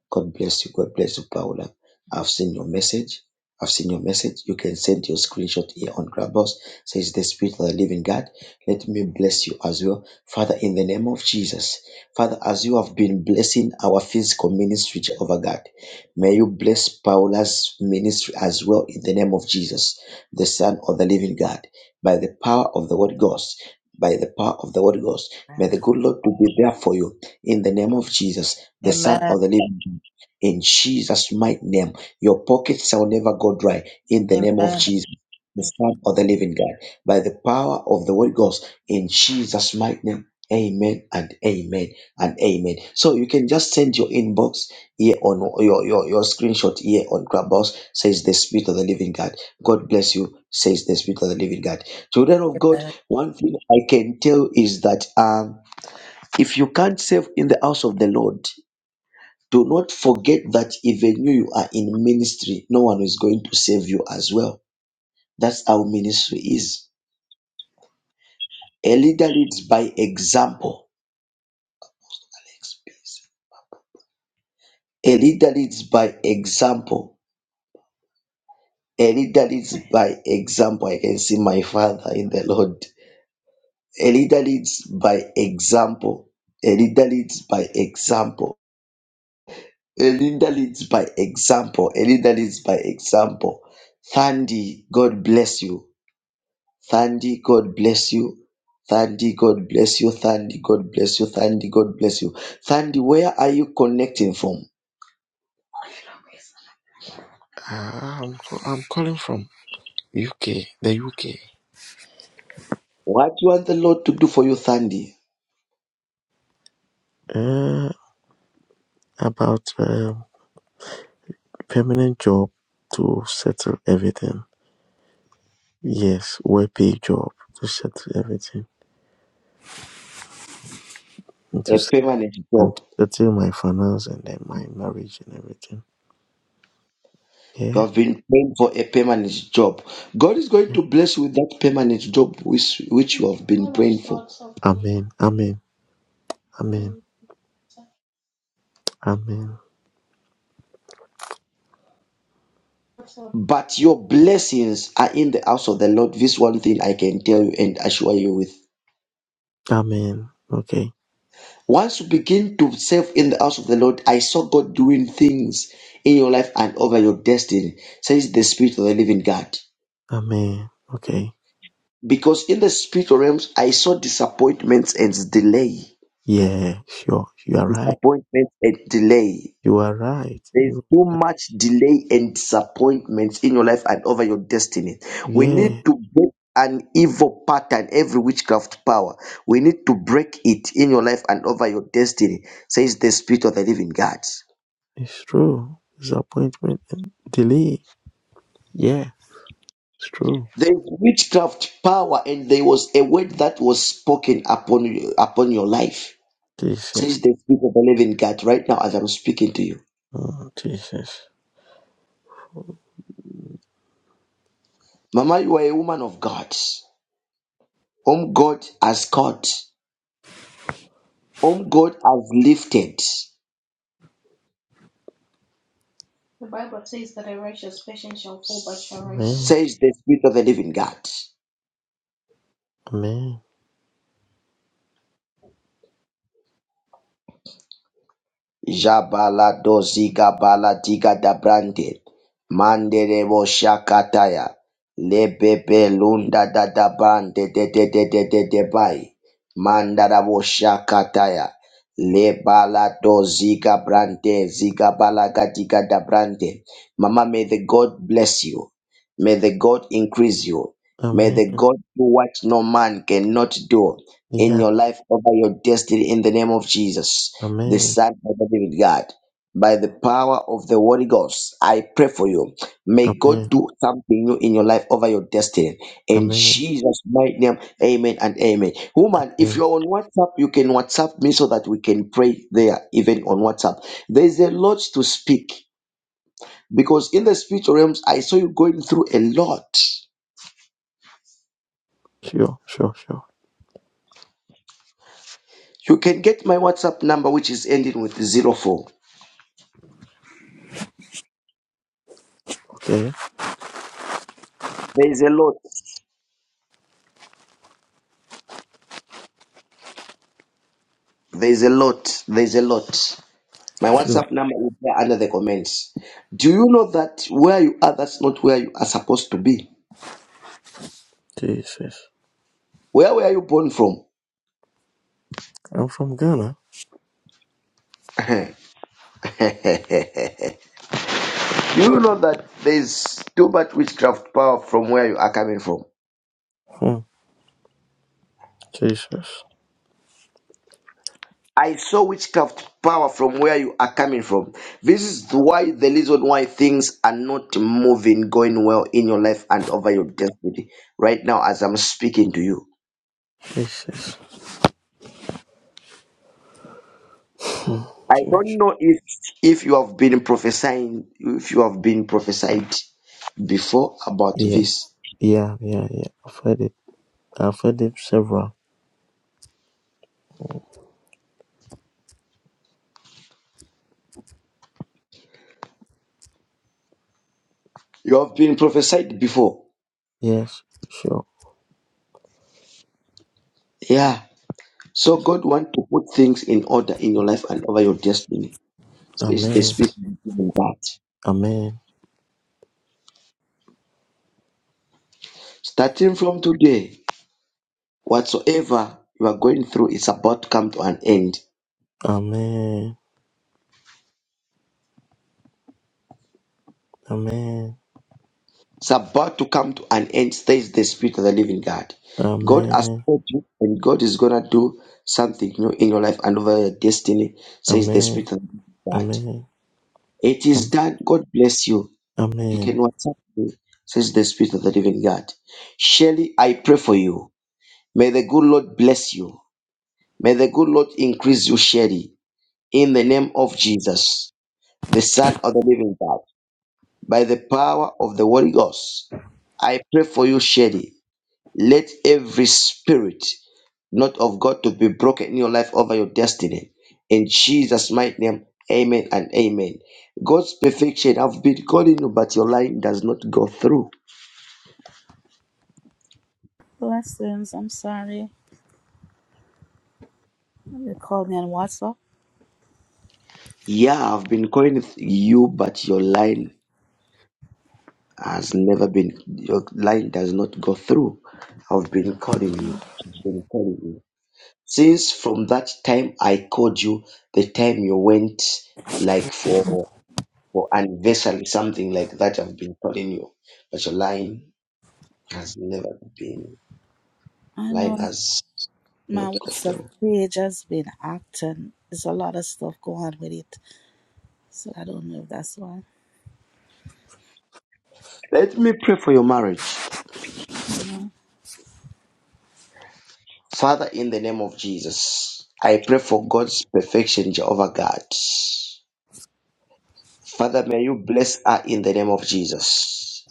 God bless you. God bless you, Paula. I've seen your message. I've seen your message. You can send your screenshot here on Clubhouse. Says the Spirit of the Living God. Let me bless you as well. Father, in the name of Jesus, Father, as you have been blessing our physical ministry, Jehovah God, may you bless Paula's ministry as well in the name of Jesus, the Son of the Living God, by the power of the Word God by the power of the Holy Ghost. May the good Lord to be there for you in the name of Jesus, the Son Amen. of the Living God. In Jesus' mighty name, your pockets shall never go dry in the name of Amen. Jesus. The Son of the Living God, by the power of the Holy Ghost, in Jesus' mighty name, Amen and Amen and Amen. So you can just send your inbox here on your your, your screenshot here on Clubhouse. Says the Spirit of the Living God. God bless you. Says the Spirit of the Living God. Children of God. Amen. One thing I can tell is that um, if you can't serve in the house of the Lord, do not forget that even you, you are in ministry, no one is going to save you as well. That's how ministry is. A leader leads by example. Alex, please. A leader leads by example. A leader leads by example. I can see my father in the Lord. A leader leads by example. A leader leads by example A leader leads by example. A leader leads by example. Thandi, God bless you. Thandi, God bless you. Thandi, God bless you. Thandi, God bless you. Thandi, God bless you. Thandi, where are you connecting from? Uh, I'm, I'm calling from UK, the UK. What you want the Lord to do for you, Thandi? Uh, about um permanent job to settle everything. Yes, well paid job to settle everything. And to, A set- permanent and job. to settle my finance and then my marriage and everything. You Yeah. have been praying for a permanent job. God is going yeah. to bless you with that permanent job which, which you have been praying for. Amen. Amen. Amen. Amen. But your blessings are in the house of the Lord. This one thing I can tell you and assure you with. Amen. Okay. Once you begin to serve in the house of the Lord, I saw God doing things in your life and over your destiny, says the Spirit of the living God. Amen. Okay. Because in the spiritual realms, I saw disappointments and delay. Yeah, sure. You are right. Disappointment and delay. You are right. There is You. too much delay and disappointment in your life and over your destiny. We Yeah. need to break an evil pattern, every witchcraft power. We need to break it in your life and over your destiny, says the Spirit of the Living God. It's true. Disappointment and delay. Yeah, it's true. There is witchcraft power, and there was a word that was spoken upon you, upon your life, Jesus. says the Spirit of the Living God. Right now, as I'm speaking to you, Oh, Jesus. Mama, you are a woman of God, whom God has called, whom God has lifted. Amen. says the Spirit of the living God. Amen. Jabala dozika baladiga dabrante. Mandere bo shakataya. Lebebe lunda da da bande de de de de de de bai. Mandara bo shakataya. Le balado zika brante zika balagatika da brante. Mama, may the God bless you. May the God increase you. May Amen. the God do what no man cannot do in Yeah. your life over your destiny in the name of Jesus the Amen. Son of the Living God. By the power of the Holy Ghost, I pray for you. May God Amen. do something new in your life over your destiny. In Amen. Jesus' mighty name, amen and amen. Woman, if Amen. you're on WhatsApp, you can WhatsApp me so that we can pray there, even on WhatsApp. There's a lot to speak because in the spiritual realms, I saw you going through a lot. Sure, sure, sure. You can get my WhatsApp number, which is ending with zero four. Okay. There's a lot. There's a lot. There's a lot. My Sure. WhatsApp number is there under the comments. Do you know that where you are, that's not where you are supposed to be? Jesus. Where were you born from? I'm from Ghana. Do you know that there's too much witchcraft power from where you are coming from? Hmm. Jesus. I saw witchcraft power from where you are coming from. This is the why the reason why things are not moving, going well in your life and over your destiny right now as I'm speaking to you. Jesus. Hmm. I Jesus. don't know if if you have been prophesying, if you have been prophesied before about Yeah. this. Yeah, yeah, yeah. I've heard it. I've heard it several. Hmm. You have been prophesied before. Yes. Sure. Yeah. So God wants to put things in order in your life and over your destiny. So it's the Amen. spirit in that. Amen. Starting from today, whatsoever you are going through, it's about to come to an end. Amen. Amen. It's about to come to an end, says the Spirit of the Living God. God has Amen. called you, and God is gonna do something new in your life and over your destiny, says the Amen. Spirit of the Living God. Amen. It is Am- done. God bless you. You can Amen. WhatsApp me, says the Spirit of the Living God. Shelly, I pray for you. May the good Lord bless you. May the good Lord increase you, Shelly, in the name of Jesus, the Son of the Living God, by the power of the Holy Ghost. I pray for you, Shelly. Let every spirit not of God to be broken in your life over your destiny. In Jesus' mighty name, amen and amen. God's perfection, I've been calling you, but your line does not go through. Blessings. I'm sorry. You called me on WhatsApp. Yeah, I've been calling you, but your line has never been, your line does not go through. I've been calling you. Mhm. I've been calling you. Since from that time I called you, the time you went like for or anniversary, something like that. I've been telling you, but your line has never been I line know has my not go WhatsApp through. page has been acting. There's a lot of stuff going on with it. So I don't know if that's why. Let me pray for your marriage, Amen. Father, in the name of Jesus. I pray for God's perfection, Jehovah God. Father, may you bless her in the name of Jesus.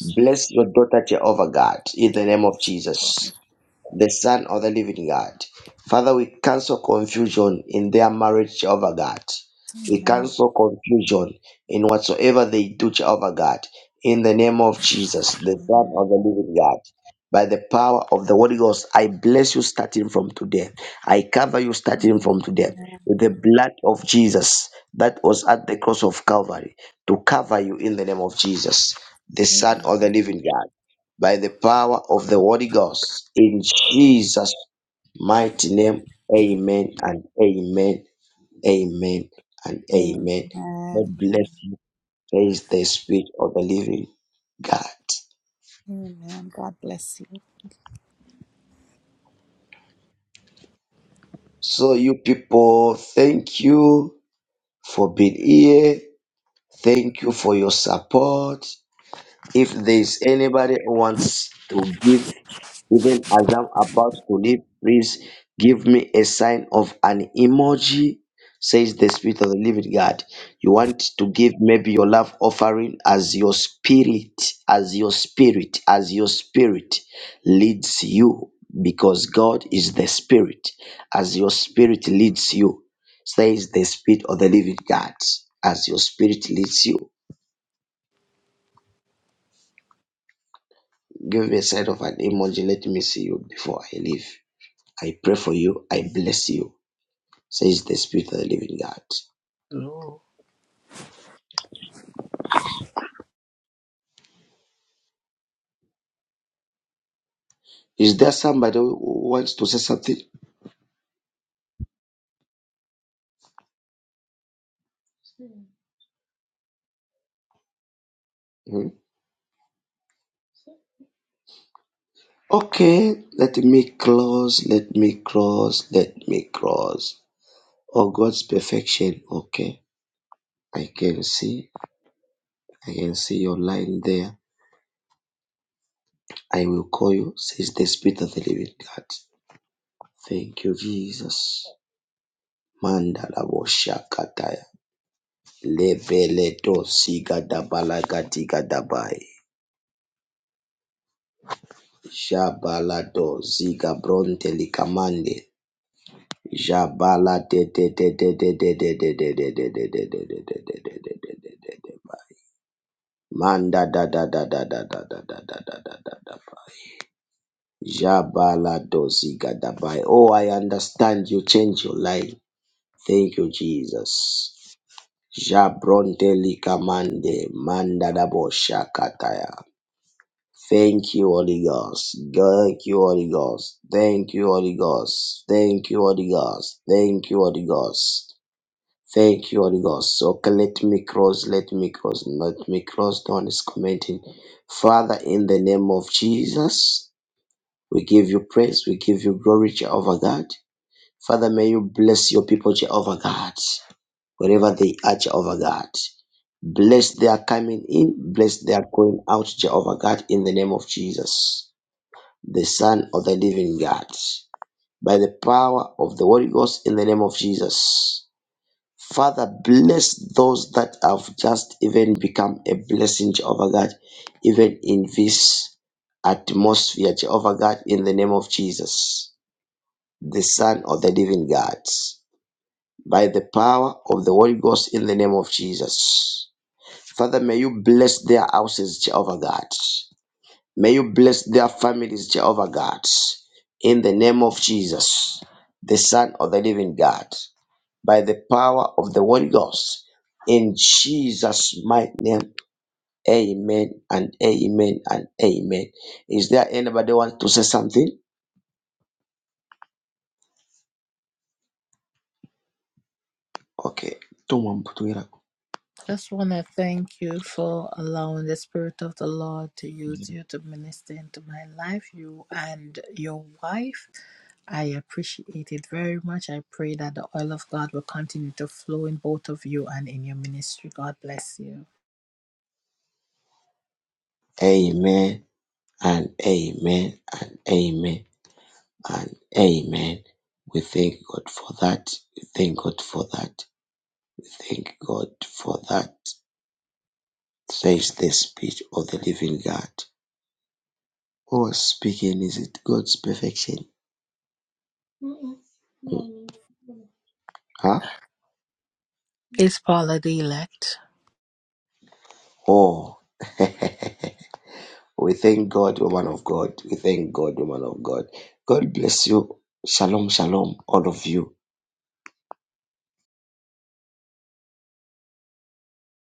Bless your daughter, Jehovah God, in the name of Jesus. the Son of the Living God. Father, we cancel confusion in their marriage, Jehovah God. We Amen. cancel confusion in whatsoever they do, Jehovah God. In the name of Jesus, the Son Amen. of the Living God. By the power of the Holy Ghost, I bless you starting from today. I cover you starting Amen. from today with the blood of Jesus that was at the cross of Calvary to cover you in the name of Jesus, the Son of the Living God by the power of the Holy Ghost. In Jesus' mighty name, amen and amen, amen and Amen. amen. God bless Amen. you. Praise the Spirit of the living God. Amen. God bless you. So, you people, thank you for being here. Thank you for your support. If there's anybody who wants to give, even as I'm about to leave, please give me a sign of an emoji, says the Spirit of the Living God. You want to give maybe your love offering as your spirit, as your spirit, as your spirit leads you, because God is the Spirit. As your spirit leads you, says the Spirit of the Living God, as your spirit leads you. Give me a side of an emoji. Let me see you before I leave. I pray for you. I bless you, says the Spirit of the Living God. Is there somebody who wants to say something? Mhm. Okay, let me close. Let me close. Let me close. Oh, God's perfection. Okay, I can see. I can see your line there. I will call you, says the Spirit of the Living God. Thank you, Jesus. Mandala Boshakataya. Lebeleto siga dabalagatika dabai. Jabalato ziga bronte likamande. Jabala de de de de de de de de de de de de de de de de de de de de de de bai. Manda da da da da da da da da da da da da da bai. Jabalato ziga dabai. Oh, I understand you change your life. Thank you, Jesus. Jabronte likamande. Manda da bo shakataya. Thank you, Holy Ghost. Thank you, Holy Ghost. Thank you, Holy Ghost. Thank you, Holy Ghost. Thank you, Holy Ghost. Thank you, Holy Ghost. So, Okay, let me cross, let me cross, let me cross. No one is commenting. Father, in the name of Jesus, we give you praise, we give you glory, Jehovah God. Father, may you bless your people, Jehovah God, wherever they are, Jehovah God. Bless their coming in, bless their going out, Jehovah God, in the name of Jesus the Son of the living God, by the power of the Holy Ghost in the name of Jesus. Father, bless those that have just even become a blessing, Jehovah God, even in this atmosphere, Jehovah God, in the name of Jesus, the Son of the living God, by the power of the Holy Ghost in the name of Jesus. Father, may you bless their houses, Jehovah God. May you bless their families, Jehovah God, in the name of Jesus, the Son of the living God, by the power of the Holy Ghost. In Jesus' mighty name, amen and amen and amen. Is there anybody want to say something? Okay. Tuma Just want to thank you for allowing the Spirit of the Lord to use you to minister into my life, you and your wife. I appreciate it very much. I pray that the oil of God will continue to flow in both of you and in your ministry. God bless you. Amen and amen and amen and amen. We thank God for that. We thank God for that. We thank God for that. says the speech of the living God. Who was speaking? Is it God's perfection? Mm. Huh? It's Paula the elect. Oh. we thank God, woman of God. We thank God, woman of God. God bless you. Shalom, shalom, all of you.